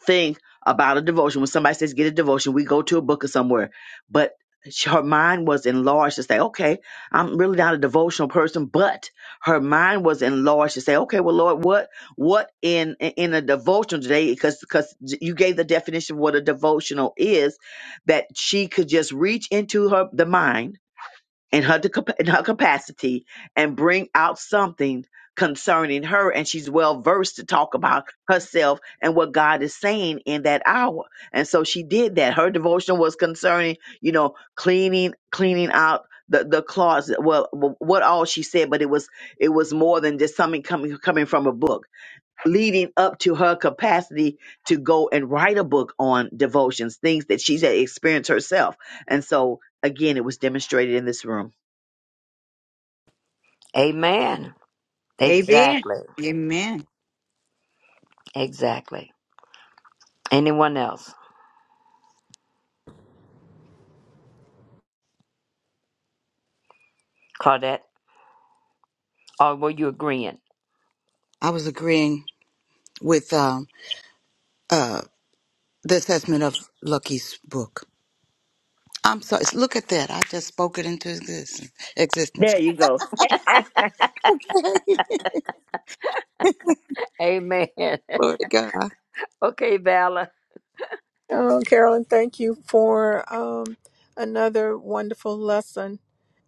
F: thing about a devotion. When somebody says get a devotion, we go to a book or somewhere. But she- her mind was enlarged to say, okay, I'm really not a devotional person, but her mind was enlarged to say, okay, well, Lord, what, what in in a devotional today? Because because you gave the definition of what a devotional is, that she could just reach into her the mind in her de- in her capacity and bring out something concerning her and she's well versed to talk about herself and what God is saying in that hour. And so she did that. Her devotion was concerning, you know, cleaning cleaning out the, the closet well w- what all she said but it was it was more than just something coming coming from a book leading up to her capacity to go and write a book on devotions things that she's experienced herself and so again it was demonstrated in this room
H: Amen.
A: Amen.
H: Exactly.
A: Amen.
H: Exactly. Anyone else? Claudette? Or were you agreeing?
D: I was agreeing with um, uh, the assessment of Lucky's book. I'm sorry. Look at that. I just spoke it into existence. existence.
F: There you go.
D: Okay.
H: Amen.
D: Glory to God.
H: Okay, Vala.
B: Oh, Carolyn, thank you for um, another wonderful lesson.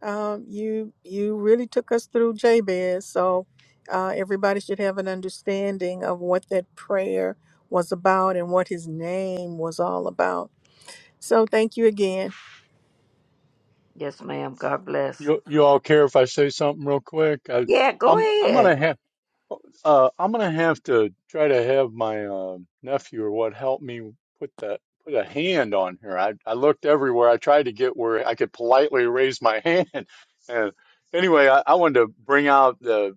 B: Um, you you really took us through Jabez, so uh, everybody should have an understanding of what that prayer was about and what his name was all about. So thank you again.
H: Yes, ma'am. God bless.
J: You you all care if I say something real quick? I,
H: Yeah, go
J: I'm I'm
H: ahead.
J: gonna have. Uh, I'm gonna have to try to have my uh, nephew or what help me put that put a hand on her. I I looked everywhere. I tried to get where I could politely raise my hand. And anyway, I, I wanted to bring out the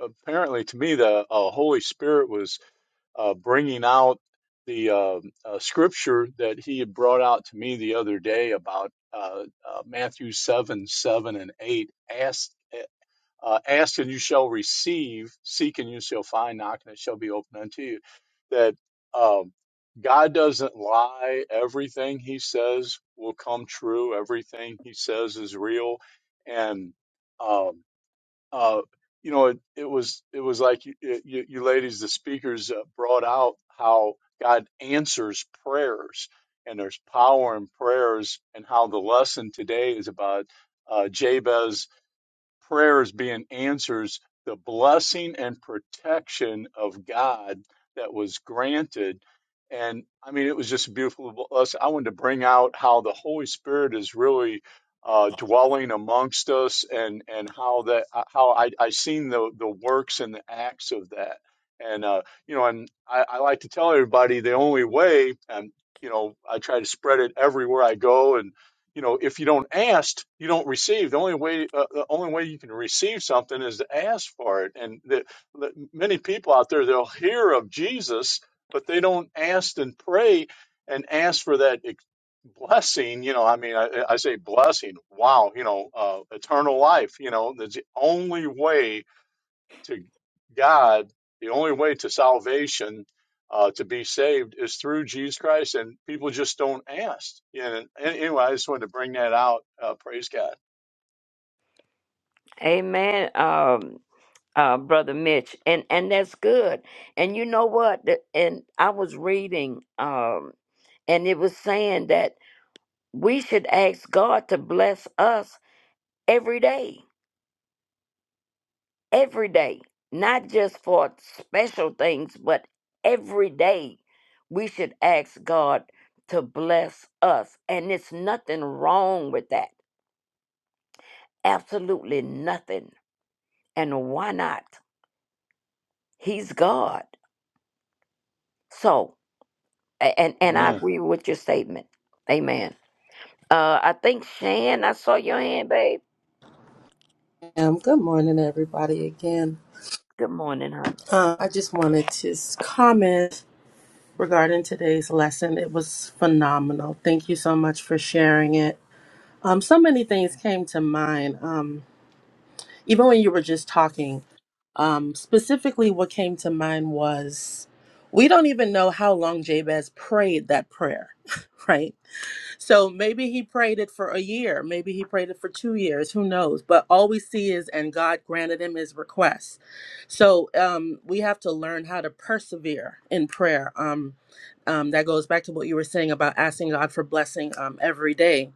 J: apparently to me the uh, Holy Spirit was uh, bringing out the uh, uh, scripture that he had brought out to me the other day about uh, uh, Matthew seven seven and eight. Ask uh, ask and you shall receive, seek and you shall find, knock and it shall be opened unto you. That um, God doesn't lie. Everything He says will come true. Everything He says is real. And um, uh, you know, it, it was it was like you, you, you ladies, the speakers uh, brought out how God answers prayers. And there's power in prayers, and how the lesson today is about uh, Jabez prayers being answers, the blessing and protection of God that was granted. And I mean, it was just a beautiful blessing. I wanted to bring out how the Holy Spirit is really uh, dwelling amongst us, and and how that uh, how I I seen the the works and the acts of that. And uh, you know, and I, I like to tell everybody the only way, and you know, I try to spread it everywhere I go, and you know, if you don't ask, you don't receive. The only way, uh, the only way you can receive something is to ask for it. And the, the, many people out there, they'll hear of Jesus, but they don't ask and pray and ask for that ex- blessing. You know, I mean, I, I say blessing. Wow, you know, uh, eternal life. You know, that's the only way to God, the only way to salvation, uh, to be saved, is through Jesus Christ, and people just don't ask. And anyway, I just wanted to bring that out. Uh, praise God.
H: Amen. Um, uh, brother Mitch, and and that's good. And you know what? The- And I was reading, um, and it was saying that we should ask God to bless us every day, every day, not just for special things, but every day we should ask God to bless us. And it's nothing wrong with that. Absolutely nothing. And why not? He's God. So A- and and I
J: Amen.
H: agree with your statement. Amen. Uh, I think Shan, I saw your hand, babe.
G: Um, good morning, everybody. Again,
H: Good morning, hon.
G: uh, I just wanted to s- comment regarding today's lesson. It was phenomenal. Thank you so much for sharing it. Um, so many things came to mind. Um, even when you were just talking, um, specifically, what came to mind was we don't even know how long Jabez prayed that prayer, right? So maybe he prayed it for a year, maybe he prayed it for two years, who knows? But all we see is, and God granted him his request. So um, we have to learn how to persevere in prayer. Um, um, that goes back to what you were saying about asking God for blessing um, every day,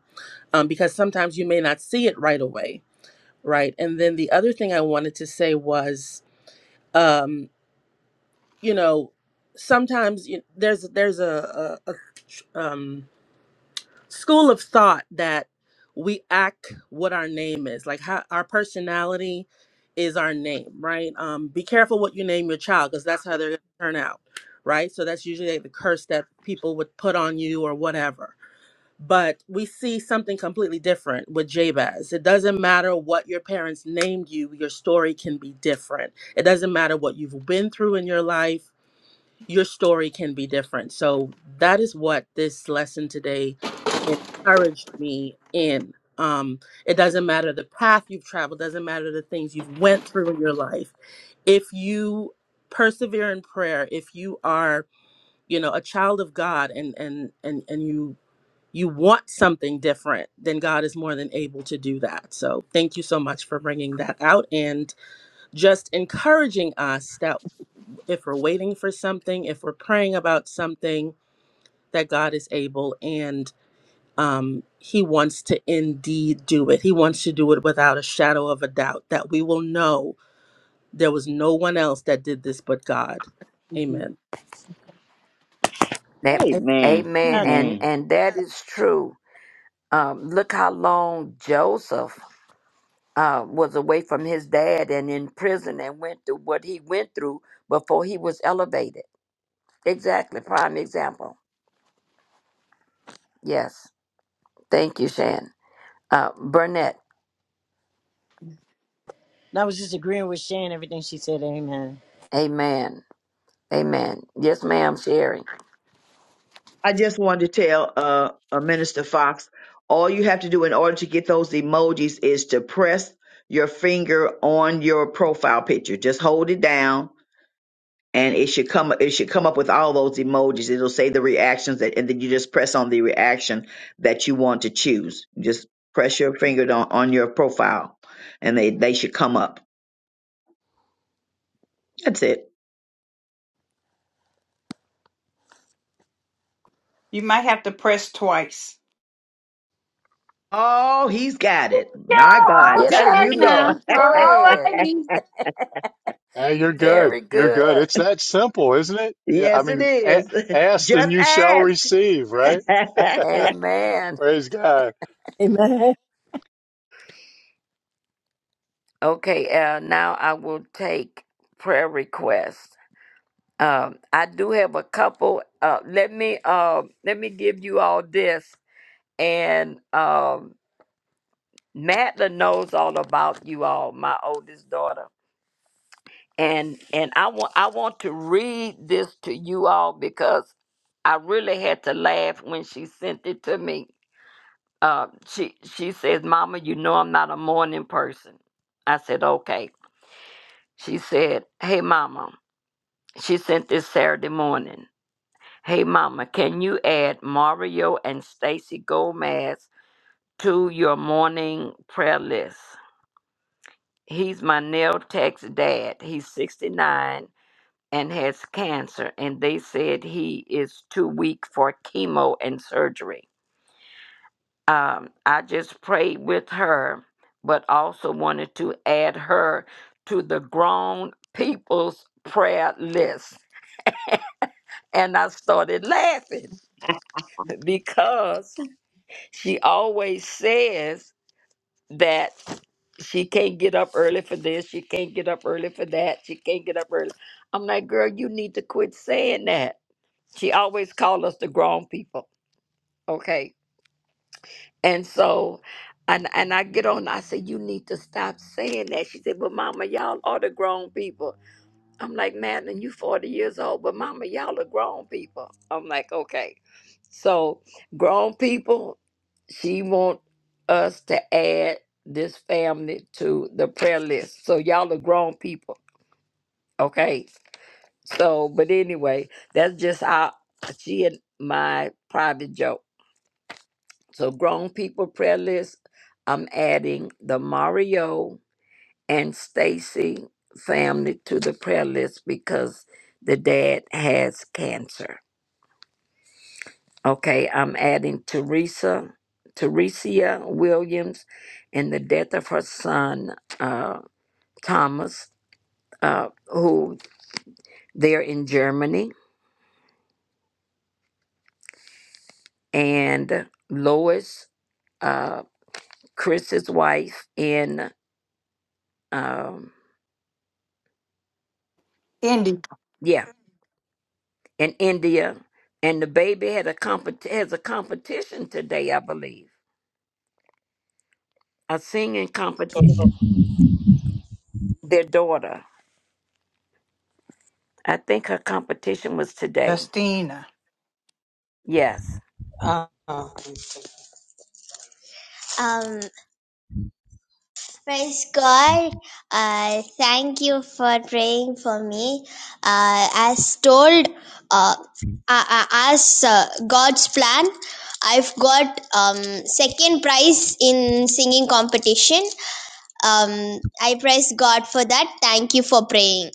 G: um, because sometimes you may not see it right away, right? And then the other thing I wanted to say was, um, you know, sometimes you, there's there's a, a, a um, school of thought that we act what our name is like how our personality is our name right um be careful what you name your child because that's how they're going to turn out right so that's usually like, the curse that people would put on you or whatever but we see something completely different with jabez it doesn't matter what your parents named you your story can be different it doesn't matter what you've been through in your life your story can be different. So that is what this lesson today encouraged me in. Um, it doesn't matter the path you've traveled, doesn't matter the things you've went through in your life. If you persevere in prayer, if you are, you know, a child of God and and and and you you want something different, then God is more than able to do that. So thank you so much for bringing that out and just encouraging us that if we're waiting for something, if we're praying about something, that God is able and um, He wants to indeed do it. He wants to do it without a shadow of a doubt that we will know there was no one else that did this but God. Amen.
H: That,
K: Amen.
F: Amen.
H: amen.
K: I
H: And
F: Amen.
H: and that is true. Um, look how long Joseph uh, was away from his dad and in prison and went through what he went through before he was elevated. Exactly. Prime example. Yes. Thank you, Shan. Uh, Burnett.
K: was just agreeing with Shan everything she said. Amen.
H: Amen. Amen. Yes, ma'am, Sherry.
F: I just wanted to tell uh, uh Minister Fox, all you have to do in order to get those emojis is to press your finger on your profile picture. Just hold it down and it should come it should come up with all those emojis. It'll say the reactions that and then you just press on the reaction that you want to choose. Just press your finger on, on your profile and they, they should come up. That's it.
A: You might have to press twice.
F: Oh, he's got it.
A: No,
F: My God.
A: I'll
H: Get
F: There
H: out
A: check
H: of
F: you go.
A: now.
H: here. Go
A: All
H: ahead.
A: righty.
J: Hey, you're good.
H: Very
J: You're good.
H: good.
J: It's that simple, isn't it? Yeah. I
F: Yes, it
J: mean, a-
F: is.
J: ask
F: Just
J: and you shall
F: ask.
J: receive, right?
H: Amen.
J: Praise God.
K: Amen.
H: Okay, uh, now I will take prayer requests. Um, I do have a couple. Uh, let me uh, let me give you all this, and um, Madeline knows all about you all, my oldest daughter, and and I want I want to read this to you all because I really had to laugh when she sent it to me uh, she she says, "Mama, you know I'm not a morning person." I said, "Okay." She said, "Hey, Mama." She sent this Saturday morning. Hey, Mama, can you add Mario and Stacy Gomez to your morning prayer list? He's my nail tech's dad. He's 69 and has cancer, and they said he is too weak for chemo and surgery. um, I just prayed with her, but also wanted to add her to the grown people's prayer list. And I started laughing because she always says that she can't get up early for this, she can't get up early for that, she can't get up early. I'm like, girl, you need to quit saying that. She always called us the grown people, okay? And so, and and I get on. I say, you need to stop saying that. She said, but Mama, y'all are the grown people. I'm like, Madeline, you 40 years old, but Mama, y'all are grown people. I'm like, okay. So, grown people, she want us to add this family to the prayer list. So y'all are grown people, okay? So, but anyway, that's just how she and my private joke. So, grown people prayer list, I'm adding the Mario and Stacy family to the prayer list because the dad has cancer. Okay, I'm adding Teresa, Teresia Williams, and the death of her son, uh, Thomas, uh, who they're in Germany, and Lois, uh, Chris's wife in, um,
A: Indy.
H: yeah. in India, and the baby had a compet- has a competition today, I believe, a singing competition. Their daughter, I think her competition was today.
A: Justina.
H: Yes.
L: Uh, um, praise God. Uh, thank you for praying for me. Uh, as told, uh, uh, uh, as uh, God's plan, I've got um, second prize in singing competition. Um, I praise God for that. Thank you for praying.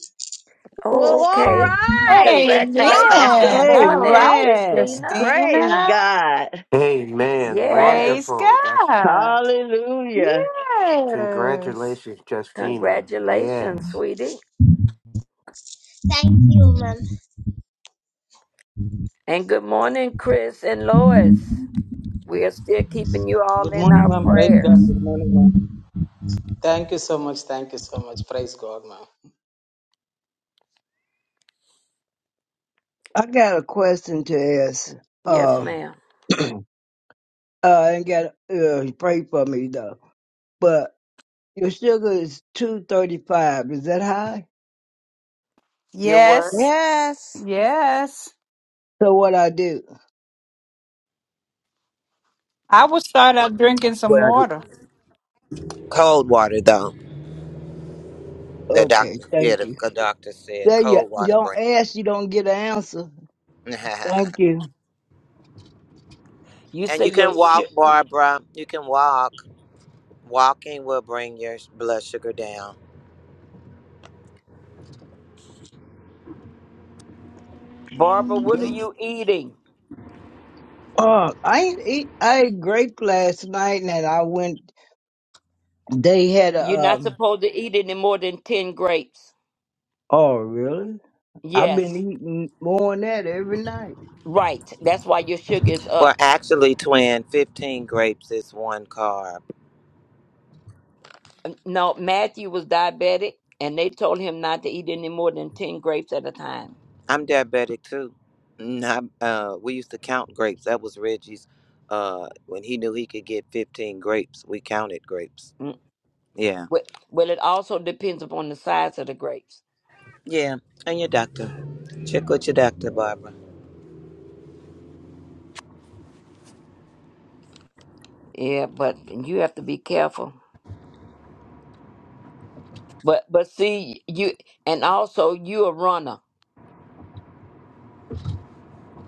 F: well, all
H: Okay.
F: right.
H: Congratulations. Good
A: Amen. All
H: morning,
A: right,
M: Amen.
H: Christina.
F: Praise
A: Justina.
F: God.
N: Amen.
A: Praise
H: Yes.
N: Wonderful. That's
A: God.
F: Hallelujah.
A: Yes.
N: congratulations, Justina.
H: Congratulations,
N: Yes.
H: sweetie.
L: Thank you, ma'am.
H: And good morning, Chris and Lois. We are still keeping you all
L: Good
H: in
L: morning,
H: our
L: ma'am. Praise God.
H: prayers.
L: Good morning, ma'am. Thank you so much. Thank you so much. Praise God, ma'am.
M: I got a question to ask.
H: Yes,
M: Um,
H: ma'am.
M: uh, I ain't got uh, pray for me though. But your sugar is two thirty five. Is that high?
H: Your work.
A: Yes.
D: Yes.
A: Yes.
M: So what I do?
A: I would start out drinking some
C: Well,
A: water.
C: cold water though. The
M: Okay,
C: doctor, yeah,
M: thank
C: the
M: you.
C: c- doctor said
M: There you
C: cold water
M: don't
C: brings.
M: ask, you don't get an answer. Thank you.
H: You
C: and
H: say
C: you
H: your
C: can walk,
H: sh-
C: Barbara. You can walk. Walking will bring your sh- blood sugar down.
H: Barbara, what are you eating?
M: Uh, I ain't eat. I ate grape last night, and I went. They had
H: You're
M: a
H: not
M: um.
H: supposed to eat any more than 10 grapes.
M: Oh really? I've been
H: Yes,
M: eating more than that every night.
H: right. That's why your sugar is
C: Well,
H: up.
C: actually, twin, 15 grapes is one carb.
H: No, Matthew was diabetic, and they told him not to eat any more than 10 grapes at a time.
C: I'm diabetic too. Mm, I, uh, we used to count grapes. That was Reggie's. Uh, when he knew he could get 15 grapes, we counted grapes.
H: Mm.
C: Yeah.
H: Well, well, it also depends upon the size of the grapes.
C: Yeah. And your doctor. Check with your doctor, Barbara.
H: Yeah, but you have to be careful. But but see you, and also you a runner,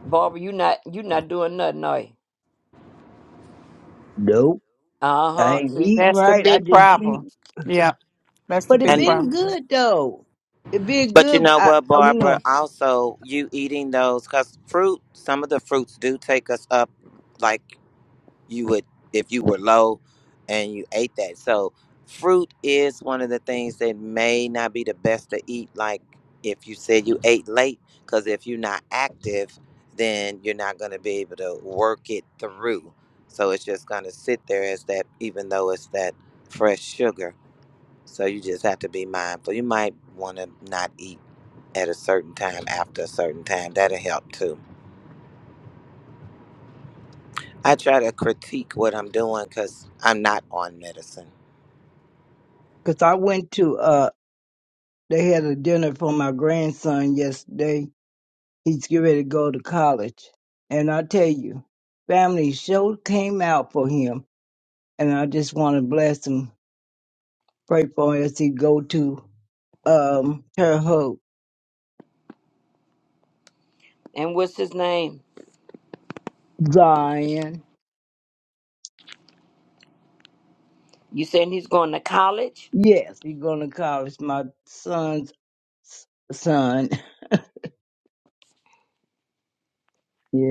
H: Barbara. You not you not doing nothing, are you?
M: Nope.
H: Uh
M: I
H: huh.
M: ain't
H: See,
M: eating
A: That's the
M: right. I
A: big
M: just eat
A: problem. Yeah, That's the
M: But it
A: big
C: And
M: been
A: problem.
M: good though. It been
C: but you
M: good.
C: know
M: I,
C: what,
M: I you
C: Barbara?
M: know,
C: Also, you eating those because fruit. Some of the fruits do take us up, like. you would if you were low and you ate that. So fruit is one of the things that may not be the best to eat like if you said you ate late cuz if you're not active then you're not going to be able to work it through. So it's just going to sit there as that even though it's that fresh sugar. So you just have to be mindful. You might want to not eat at a certain time after a certain time. That'll help too. I try to critique what I'm doing cuz I'm not on medicine
M: 'cause I went to uh, they had a dinner for my grandson yesterday. He's getting ready to go to college, and I tell you, family show came out for him, and I just want to bless him, pray for him as he go to um her hope
H: and what's his name?
M: Zion.
H: You saying he's going to college?
M: Yes, he going to college. My son's s- son.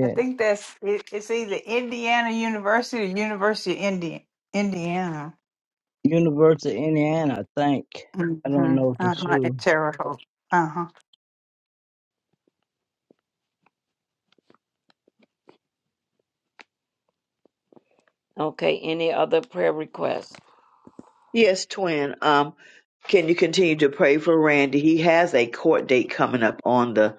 A: I think that's it, it's either Indiana University or University of Indi- Indiana.
M: University of Indiana. I think I don't
A: Mm-hmm.
M: know for
A: Uh-huh. In
M: sure.
A: Terre Haute. Uh-huh.
H: Okay. Any other prayer requests?
F: Yes, twin. Um, can you continue to pray for Randy? He has a court date coming up on the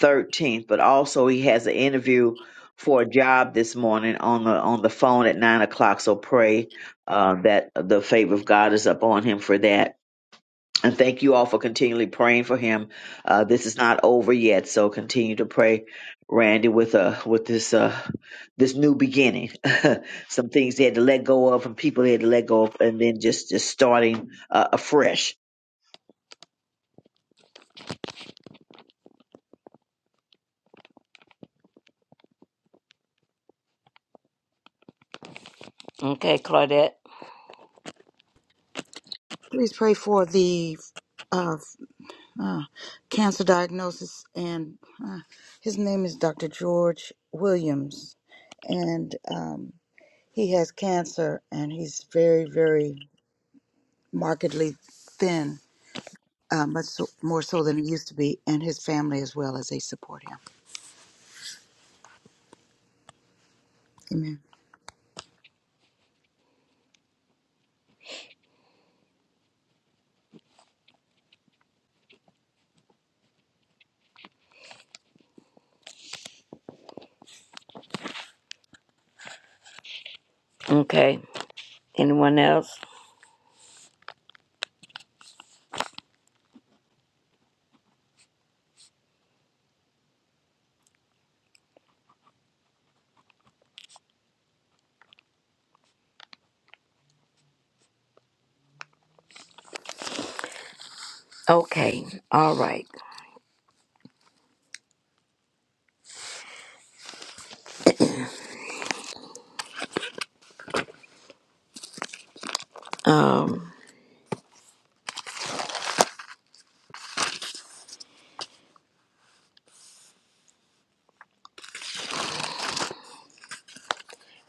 F: 13th, but also he has an interview for a job this morning on the on the phone at nine o'clock. So pray uh, that the favor of God is upon him for that. And thank you all for continually praying for him. Uh, this is not over yet, so continue to pray, Randy, with uh with this uh this new beginning. Some things they had to let go of, and people they had to let go of, and then just just starting uh, afresh.
H: Okay, Claudette.
D: Please pray for the uh, uh, cancer diagnosis. And uh, his name is Dr. George Williams. And um, he has cancer, and he's very, very markedly thin uh, much so, more so than it used to be, and his family as well as they support him. Amen.
H: Okay. Anyone else? Okay. All right. Um,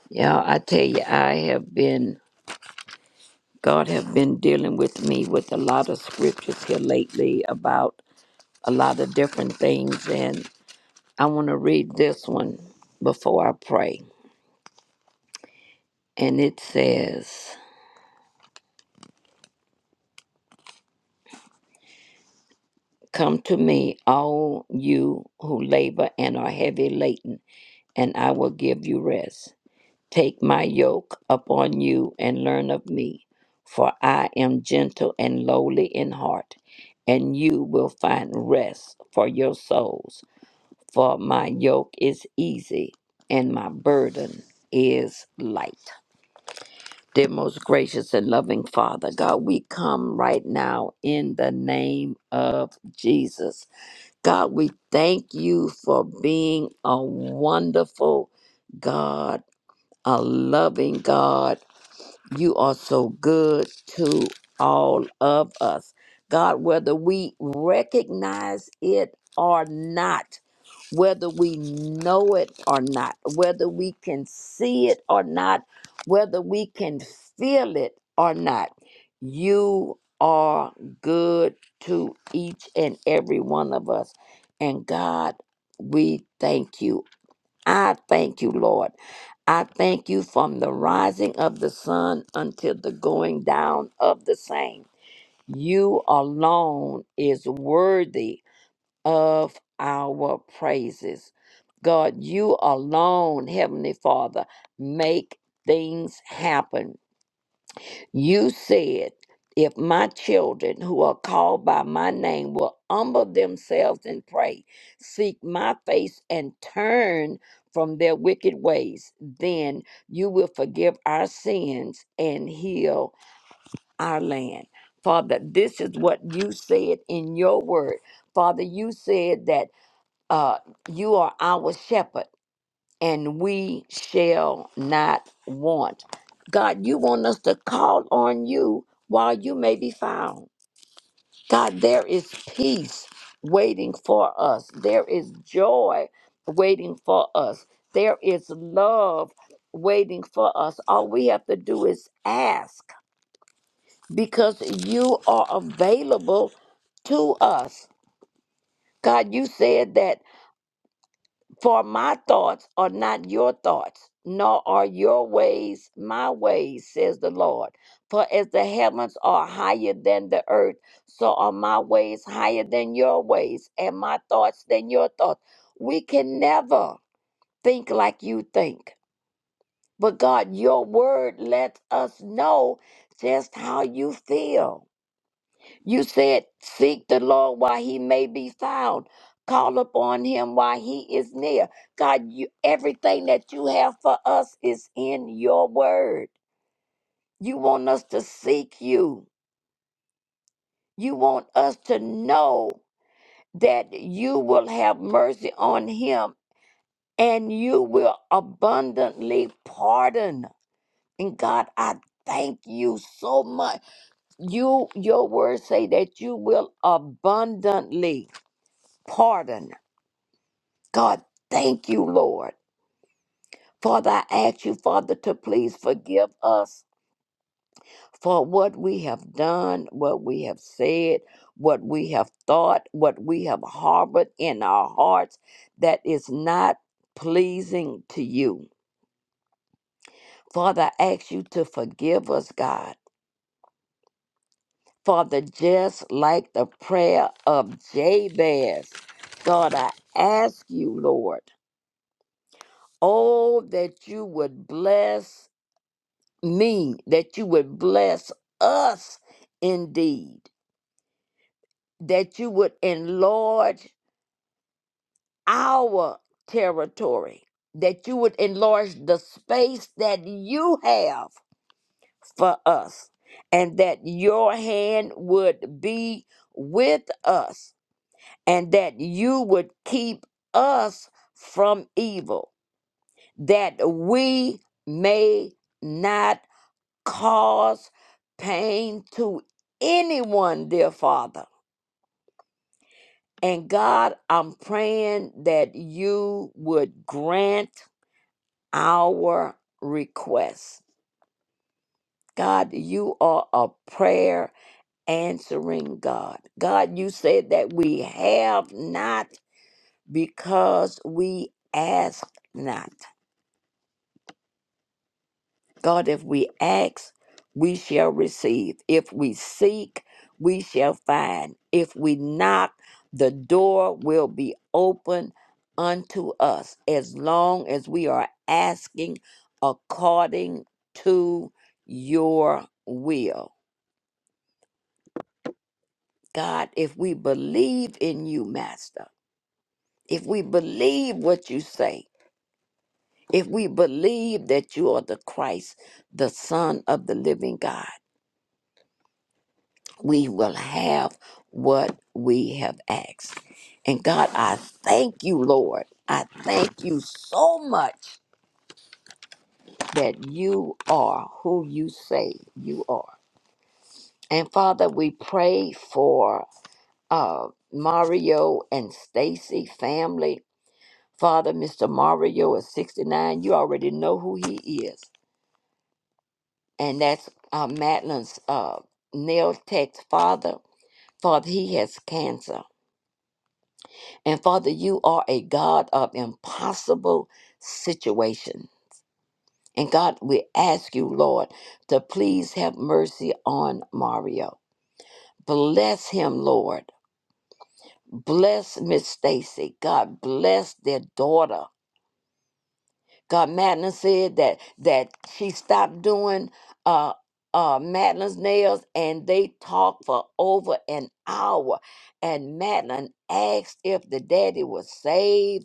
H: yeah, I tell you, I have been God have been dealing with me with a lot of scriptures here lately about a lot of different things and I want to read this one before I pray. And it says, Come to me, all you who labor and are heavy laden, and I will give you rest. Take my yoke upon you and learn of me, for I am gentle and lowly in heart, and you will find rest for your souls. For my yoke is easy and my burden is light. Dear most gracious and loving Father, God, we come right now in the name of Jesus. God, we thank you for being a wonderful God, a loving God you are so good to all of us. God, whether we recognize it or not, whether we know it or not, whether we can see it or not, whether we can feel it or not, you are good to each and every one of us. And God, we thank you. I thank you, Lord. I thank you from the rising of the sun until the going down of the same. You alone is worthy of our praises. God, you alone, Heavenly Father, make things happen. You said, if my children who are called by my name will humble themselves and pray, seek my face, and turn from their wicked ways, then you will forgive our sins and heal our land. Father, this is what you said in your word. Father, you said that uh, you are our shepherd and we shall not want. God, you want us to call on you while you may be found. God, there is peace waiting for us, there is joy waiting for us, there is love waiting for us. All we have to do is ask because you are available to us. God, you said that. For my thoughts are not your thoughts, nor are your ways my ways, says the Lord. For as the heavens are higher than the earth, so are my ways higher than your ways, and my thoughts than your thoughts. We can never think like you think. But God, your word lets us know just how you feel. You said, Seek the Lord while he may be found. Call upon him while he is near. God, you, everything that you have for us is in your word. You want us to seek you. You want us to know that you will have mercy on him and you will abundantly pardon. And God, I thank you so much. You your words say that you will abundantly pardon God, thank you, Lord. Father, I ask you, Father, to please forgive us for what we have done, what we have said, what we have thought, what we have harbored in our hearts that is not pleasing to you. Father, I ask you to forgive us, God. Father, just like the prayer of Jabez, God, I ask you, Lord, oh, that you would bless. me that you would bless us indeed, that you would enlarge our territory, that you would enlarge the space that you have for us, and that your hand would be with us, and that you would keep us from evil, that we may. not. cause pain to anyone, dear Father. And God, I'm praying that you would grant our request. God, you are a prayer answering God. God, you said that we have not because we ask not. God, if we ask, we shall receive. If we seek, we shall find. If we knock, the door will be open unto us as long as we are asking according to your will. God, if we believe in you, Master, if we believe what you say, if we believe that you are the Christ, the Son of the living God, we will have what we have asked. And God, I thank you, Lord. I thank you so much that you are who you say you are. And Father, we pray for uh, Mario and Stacy family. Father, Mr. Mario is 69. You already know who he is. And that's uh, Madeline's uh, nail tech's father. Father, he has cancer. And Father, you are a God of impossible situation. And God, we ask you, Lord, to please have mercy on Mario. Bless him, Lord. Bless Miss Stacy. God bless their daughter. God, Madeline said that that she stopped doing uh uh Madeline's nails and they talked for over an hour. And Madeline asked if the daddy was saved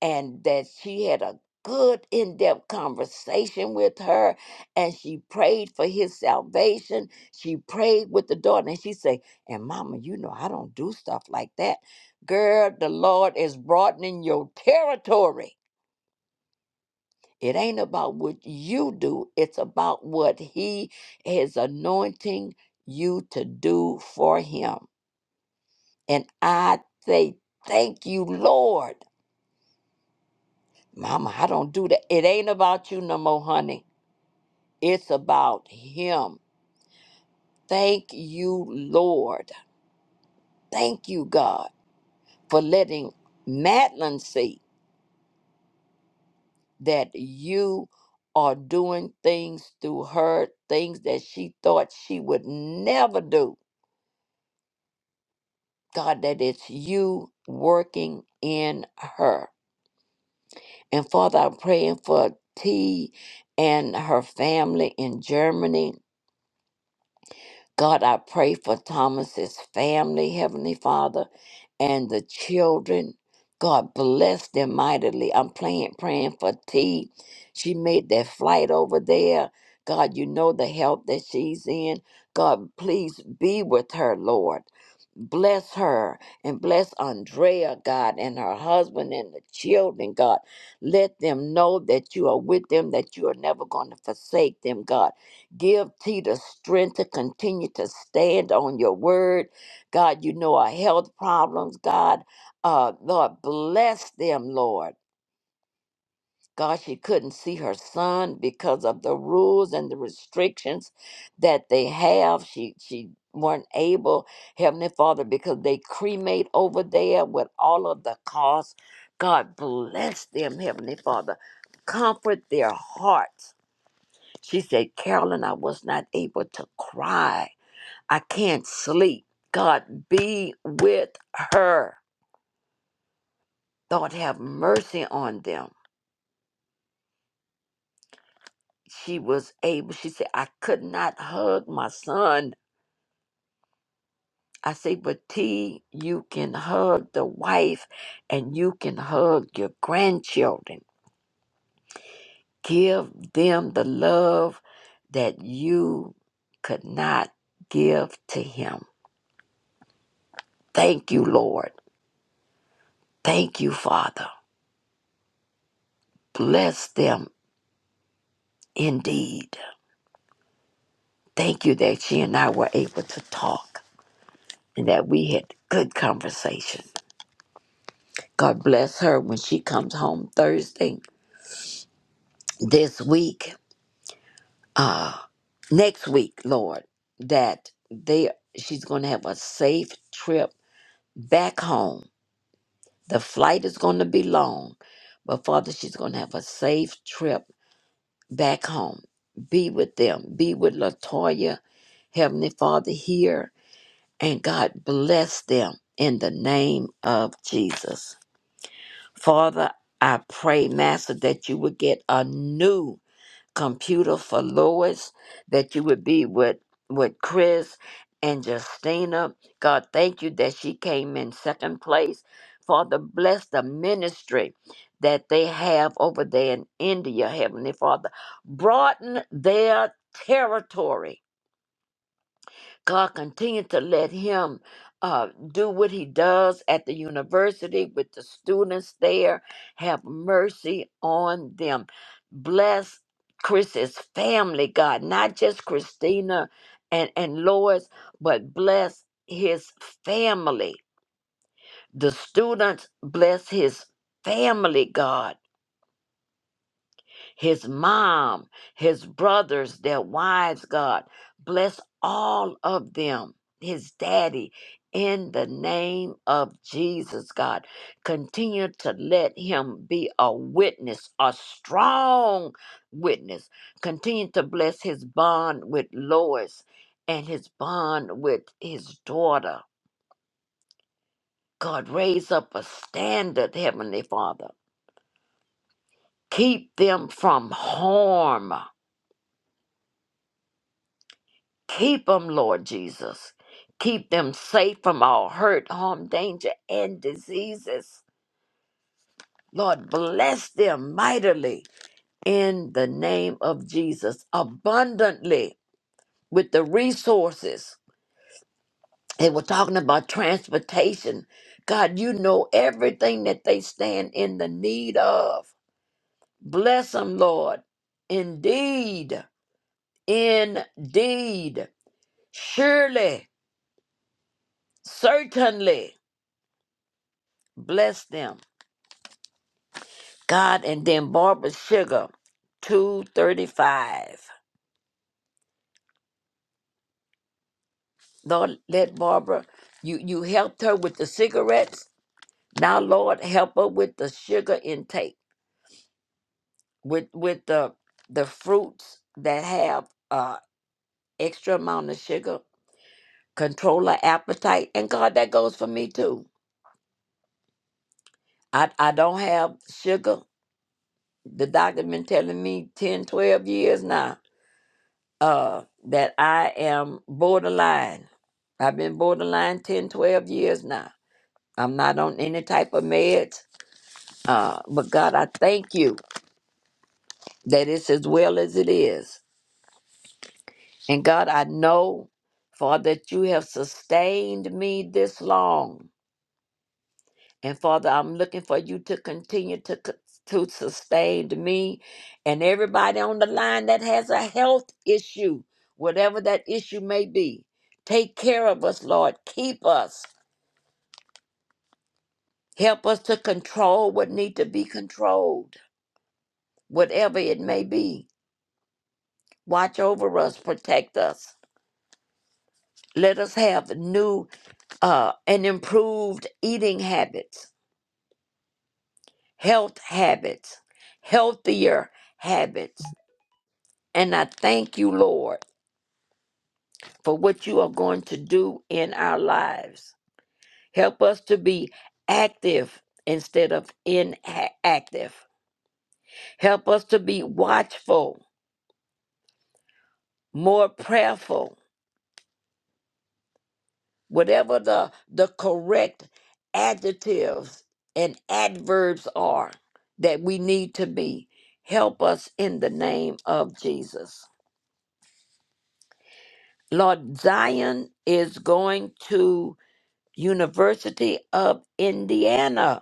H: and that she had a good in-depth conversation with her and she prayed for his salvation she prayed with the daughter and she said and mama you know i don't do stuff like that girl the lord is broadening your territory it ain't about what you do it's about what he is anointing you to do for him and i say thank you lord mama i don't do that it ain't about you no more honey It's about Him. Thank you, Lord. Thank you, God, for letting Madeline see that you are doing things through her, things that she thought she would never do. God, that it's you working in her. And Father, I'm praying for T and her family in Germany. God, I pray for Thomas's family, Heavenly Father, and the children. God bless them mightily. I'm praying, praying for T. She made that flight over there. God, you know the help that she's in. God, please be with her, Lord. Bless her and bless Andrea, God, and her husband and the children, God. Let them know that you are with them, that you are never going to forsake them, God. Give T the strength to continue to stand on your word. God, you know our health problems, God. Uh, Lord, bless them, Lord. God, she couldn't see her son because of the rules and the restrictions that they have. She she weren't able, Heavenly Father, because they cremate over there with all of the costs. God bless them, Heavenly Father. Comfort their hearts she said, Carolyn, I was not able to cry. I can't sleep. God, be with her. Lord, have mercy on them. She was able, she said, I could not hug my son. I say, but T, you can hug the wife and you can hug your grandchildren. Give them the love that you could not give to him. Thank you, Lord. Thank you, Father. Bless them indeed. Thank you that she and I were able to talk and that we had good conversation. God bless her when she comes home Thursday this week, uh, next week, Lord, that they she's going to have a safe trip back home. The flight is going to be long, but Father, she's going to have a safe trip back home. Be with them. Be with Latoya, Heavenly Father, here and God bless them in the name of Jesus. Father, I pray, Master, that you would get a new computer for Lois, that you would be with, with Chris and Justina. God, thank you that she came in second place. Father, bless the ministry that they have over there in India, Heavenly Father. Broaden their territory God continue to let him uh, do what he does at the university with the students there. Have mercy on them. Bless Chris's family, God, not just Christina and, and Lois, but bless his family. The students, bless his family, God his mom, his brothers, their wives, God. Bless all of them, his daddy, in the name of Jesus, God. Continue to let him be a witness, a strong witness. Continue to bless his bond with Lois and his bond with his daughter. God, raise up a standard, Heavenly Father. Keep them from harm Keep them, Lord Jesus. Keep them safe from all hurt, harm, danger, and diseases. Lord, bless them mightily in the name of Jesus, abundantly with the resources. They were talking about transportation. God, you know everything that they stand in the need of. Bless them, Lord. Indeed, indeed, surely, certainly, bless them God, and then Barbara Sugar, 235. Lord, let Barbara, you, you helped her with the cigarettes. Now, Lord, help her with the sugar intake, with with the the fruits that have uh extra amount of sugar, control her appetite. And God, that goes for me too. I, I don't have sugar. The doctor been telling me 10 12 years now uh, that I am borderline. I've been borderline 10, 12 years now. I'm not on any type of meds. Uh, but God, I thank you that it's as well as it is. And God, I know, for that you have sustained me this long. And Father, I'm looking for you to continue to c- to sustain me and everybody on the line that has a health issue, whatever that issue may be. Take care of us, Lord. Keep us. Help us to control what need to be controlled, whatever it may be. Watch over us, protect us. Let us have new uh, and improved eating habits, health habits, healthier habits And I thank you, Lord, for what you are going to do in our lives. Help us to be active instead of inactive. Help us to be watchful, more prayerful, whatever the, the correct adjectives and adverbs are that we need to be. Help us in the name of Jesus. Lord, Zion is going to University of Indiana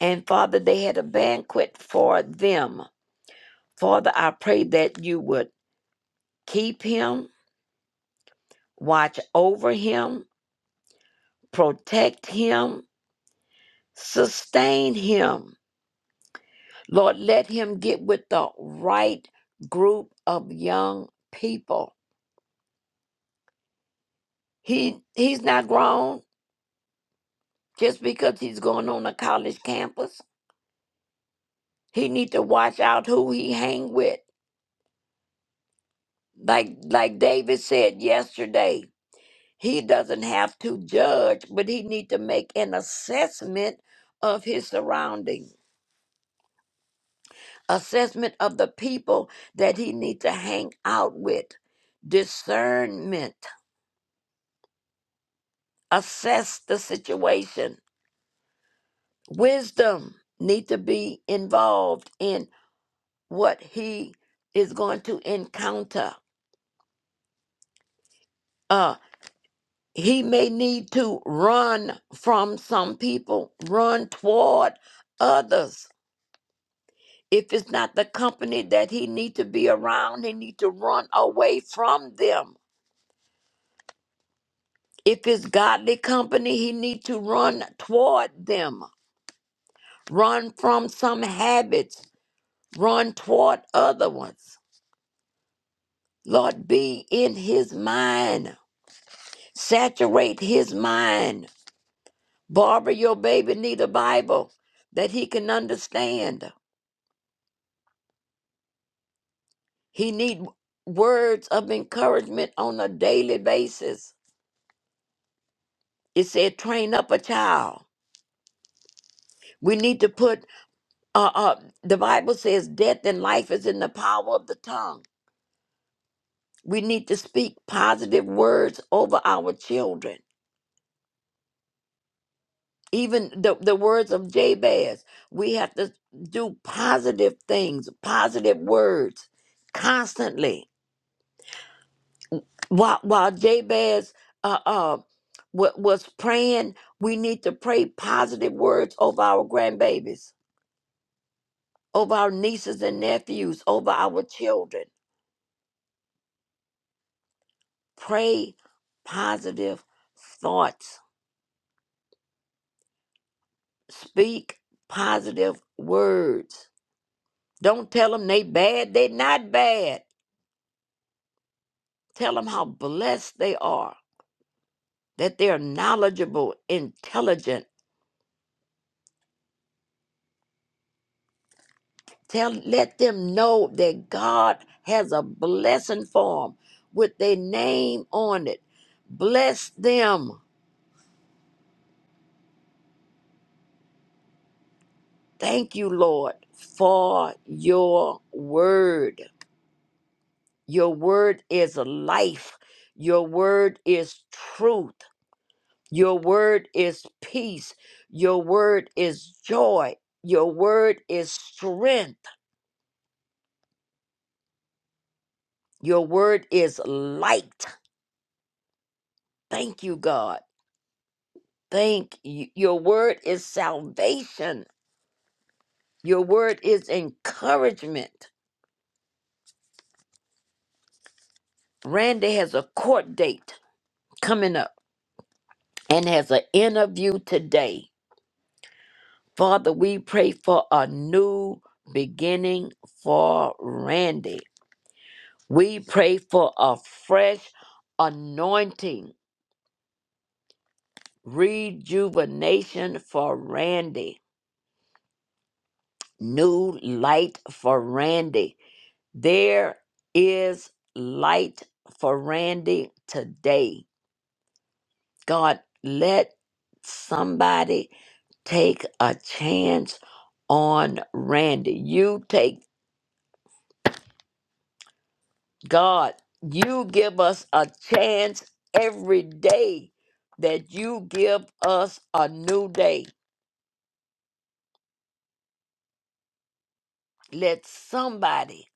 H: And Father, they had a banquet for them. Father, I pray that you would keep him, watch over him, protect him, sustain him. Lord, let him get with the right group of young people. He he's not grown just because he's going on a college campus. He need to watch out who he hang with. Like like David said yesterday, He doesn't have to judge, but he need to make an assessment of his surrounding, assessment of the people that he need to hang out with, discernment, assess the situation, wisdom need to be involved in what he is going to encounter. Uh, he may need to run from some people, run toward others If it's not the company that he need to be around, he need to run away from them. If it's godly company, he need to run toward them. Run from some habits. Run toward other ones. Lord, be in his mind. Saturate his mind. Barbara, your baby need a Bible that he can understand. He need words of encouragement on a daily basis. It said, train up a child. We need to put, uh, uh, the Bible says, death and life is in the power of the tongue. We need to speak positive words over our children. Even the, the words of Jabez, we have to do positive things, positive words constantly. While, while Jabez uh, uh, wa- was praying, we need to pray positive words over our grandbabies, over our nieces and nephews, over our children Pray positive thoughts. Speak positive words. Don't tell them they bad. They not bad. Tell them how blessed they are, that they're knowledgeable, intelligent. Tell let them know that God has a blessing for them with their name on it. Bless them. Thank you, Lord, for your word. Your word is life. Your word is truth. Your word is peace. Your word is joy. Your word is strength. Your word is light. Thank you, God. Thank you. Your word is salvation. Your word is encouragement. Randy has a court date coming up and has an interview today. Father, we pray for a new beginning for Randy. We pray for a fresh anointing, rejuvenation for Randy, new light for Randy. There is light for Randy today. God, let somebody take a chance on Randy. You take God, you give us a chance every day that you give us a new day. Let somebody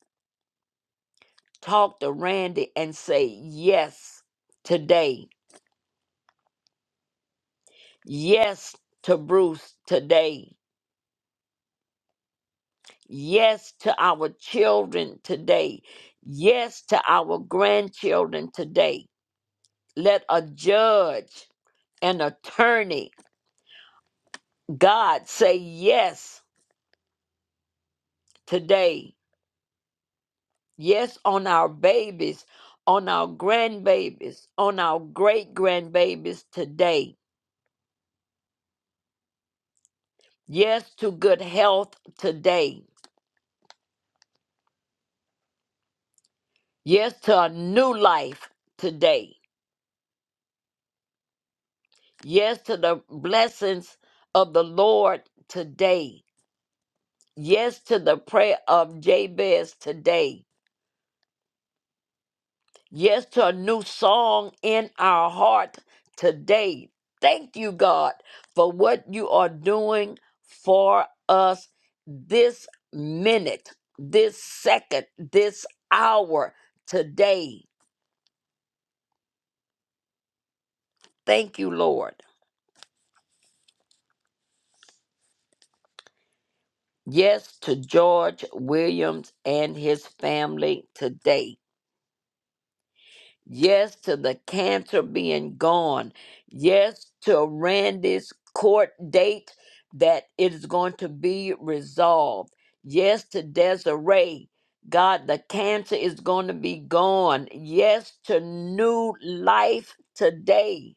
H: talk to Randy and say yes today. Yes to Bruce today. Yes to our children today. Yes to our grandchildren today. Let a judge, an attorney, God say yes today Yes, on our babies, on our grandbabies, on our great grandbabies today. Yes, to good health today. Yes, to a new life today. Yes, to the blessings of the Lord today. Yes, to the prayer of Jabez today. Yes, to a new song in our heart today. Thank you, God, for what you are doing for us this minute, this second, this hour today. Thank you, Lord. Yes, to George Williams and his family today. Yes to the cancer being gone. Yes to Randy's court date that it is going to be resolved. Yes to Desiree. God, the cancer is going to be gone. Yes to new life today.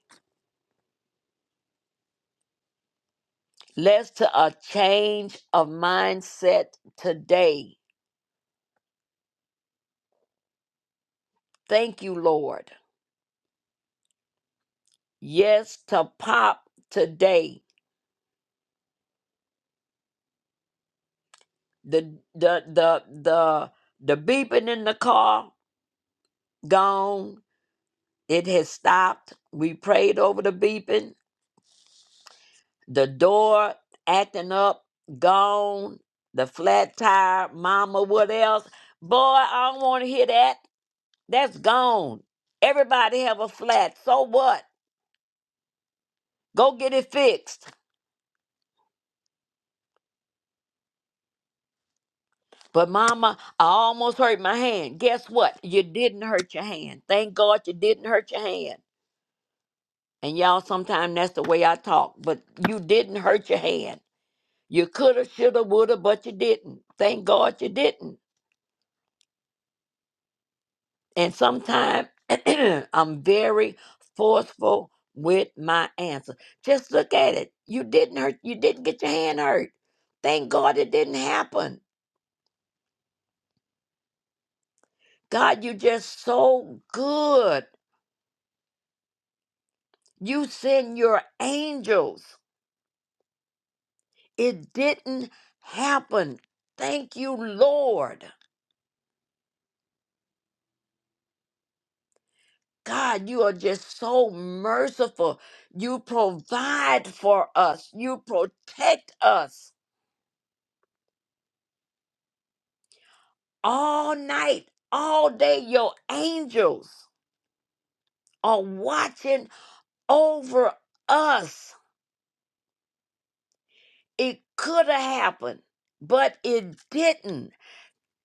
H: Yes to a change of mindset today. Thank you, Lord. Yes to pop today. The the the the the beeping in the car gone. It has stopped. We prayed over the beeping. The door acting up, gone. The flat tire, mama, what else? Boy, I don't want to hear that. That's gone. Everybody have a flat. So what? Go get it fixed. But mama, I almost hurt my hand. Guess what? You didn't hurt your hand. Thank God you didn't hurt your hand. And y'all, sometimes that's the way I talk, but you didn't hurt your hand. You coulda, shoulda, woulda, but you didn't. Thank God you didn't. And sometimes I'm very forceful with my answer. Just look at it. You didn't hurt. You didn't get your hand hurt. Thank God it didn't happen. God, you just so good. You send your angels. It didn't happen. Thank you, Lord. God, you are just so merciful. You provide for us, you protect us all night, all day. Your angels are watching over us. It could have happened, but it didn't.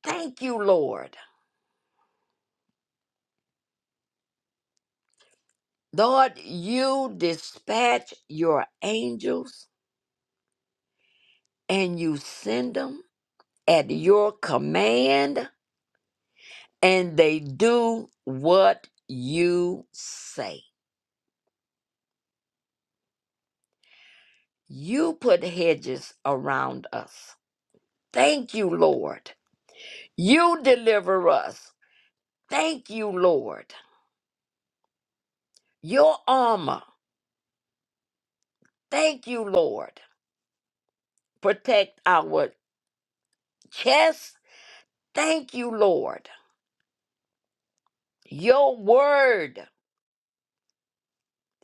H: Thank you, Lord. Lord, you dispatch your angels and you send them at your command and they do what you say. You put hedges around us. Thank you, Lord. You deliver us. Thank you, Lord. Your armor. Thank you, Lord. Protect our chest. Thank you, Lord. Your word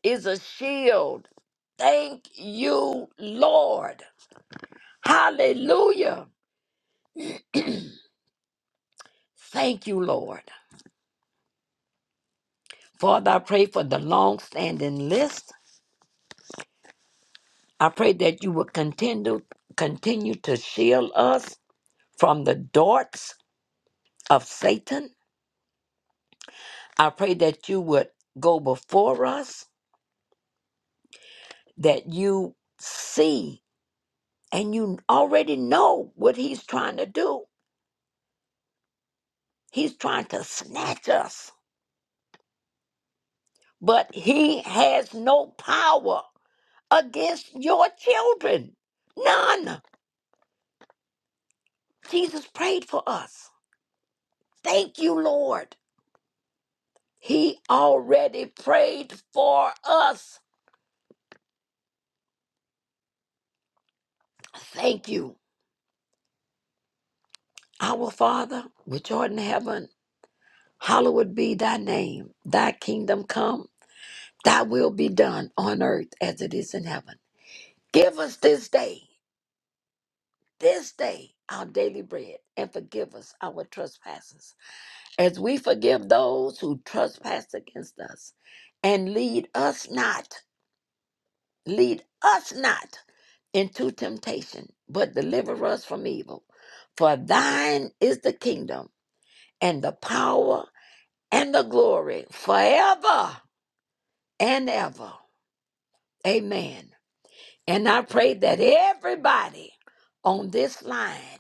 H: is a shield. Thank you, Lord. Hallelujah. Thank you, Lord. Father, I pray for the long standing list. I pray that you will continue, continue to shield us from the darts of Satan. I pray that you would go before us, that you see and you already know what he's trying to do. He's trying to snatch us, but he has no power against your children. None. Jesus prayed for us. Thank you, Lord. He already prayed for us. Thank you, our Father, which art in heaven. Hallowed be thy name. Thy kingdom come, thy will be done on earth as it is in heaven. Give us this day, this day, our daily bread, and forgive us our trespasses, as we forgive those who trespass against us. And lead us not, lead us not into temptation, but deliver us from evil. For thine is the kingdom and the power and the glory forever and ever. Amen. And I pray that everybody on this line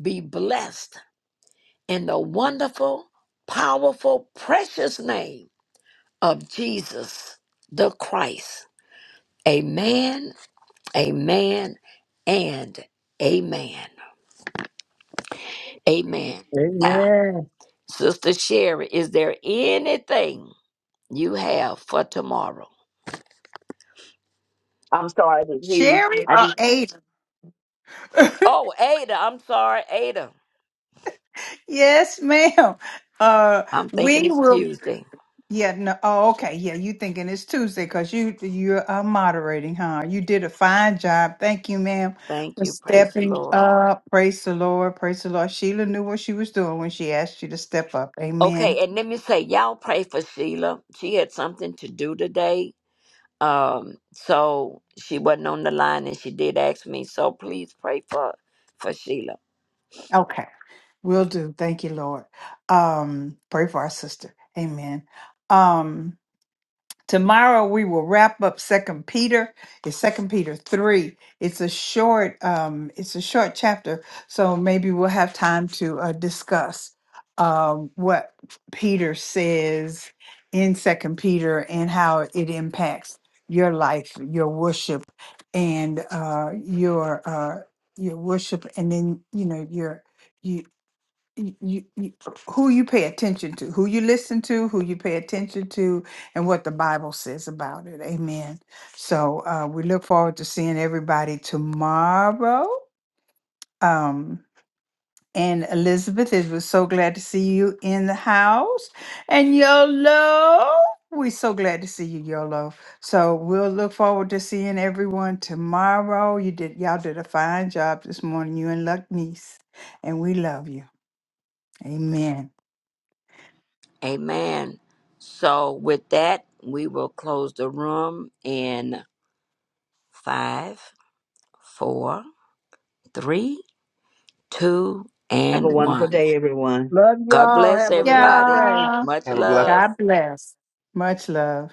H: be blessed in the wonderful, powerful, precious name of Jesus the Christ. Amen, amen, and amen. Amen. Now,
M: Amen.
H: Sister Sherry, is there anything you have for tomorrow?
F: I'm sorry, I didn't hear you.
A: Sherry
F: I
A: or
F: just
A: Ada?
H: Oh, Ada, I'm sorry, Ada.
A: yes, ma'am. Uh,
H: I'm thinking
A: we
H: it's
A: will.
H: Tuesday.
A: Yeah, no. Oh, okay. Yeah, you thinking it's Tuesday because you you're uh, moderating, huh? You did a fine job. Thank you, ma'am,
H: Thank
A: for
H: you. Praise the
A: stepping
H: Lord.
A: up. Praise the Lord. Praise the Lord. Sheila knew what she was doing when she asked you to step up. Amen.
H: Okay, and let me say, y'all pray for Sheila. She had something to do today. Um, so she wasn't on the line and she did ask me. So please pray for for Sheila.
A: Okay. Will do. Thank you, Lord. Um, pray for our sister. Amen. Um, tomorrow we will wrap up Second Peter. It's Second Peter three. It's a short. Um, it's a short chapter, so maybe we'll have time to uh, discuss um, what Peter says in Second Peter and how it impacts your life, your worship, and uh, your uh, your worship, and then you know your you y- you, you, who you pay attention to, who you listen to, who you pay attention to, and what the Bible says about it. Amen. So uh, we look forward to seeing everybody tomorrow. Um, and Elizabeth, it was so glad to see you in the house. And Yolo, we're so glad to see you, Yolo. So we'll look forward to seeing everyone tomorrow. You did, y'all did a fine job this morning, you and Luck Niece, and we love you. Amen.
H: Amen. So with that, we will close the room in five, four, three, two,
F: have a
H: and
F: wonderful
H: one.
F: day, everyone.
M: Love
H: God
M: y'all.
H: bless
M: Have a blessed
H: everybody.
M: day.
A: Yeah.
H: Much
N: have a blessed
H: love.
A: God bless. Much love.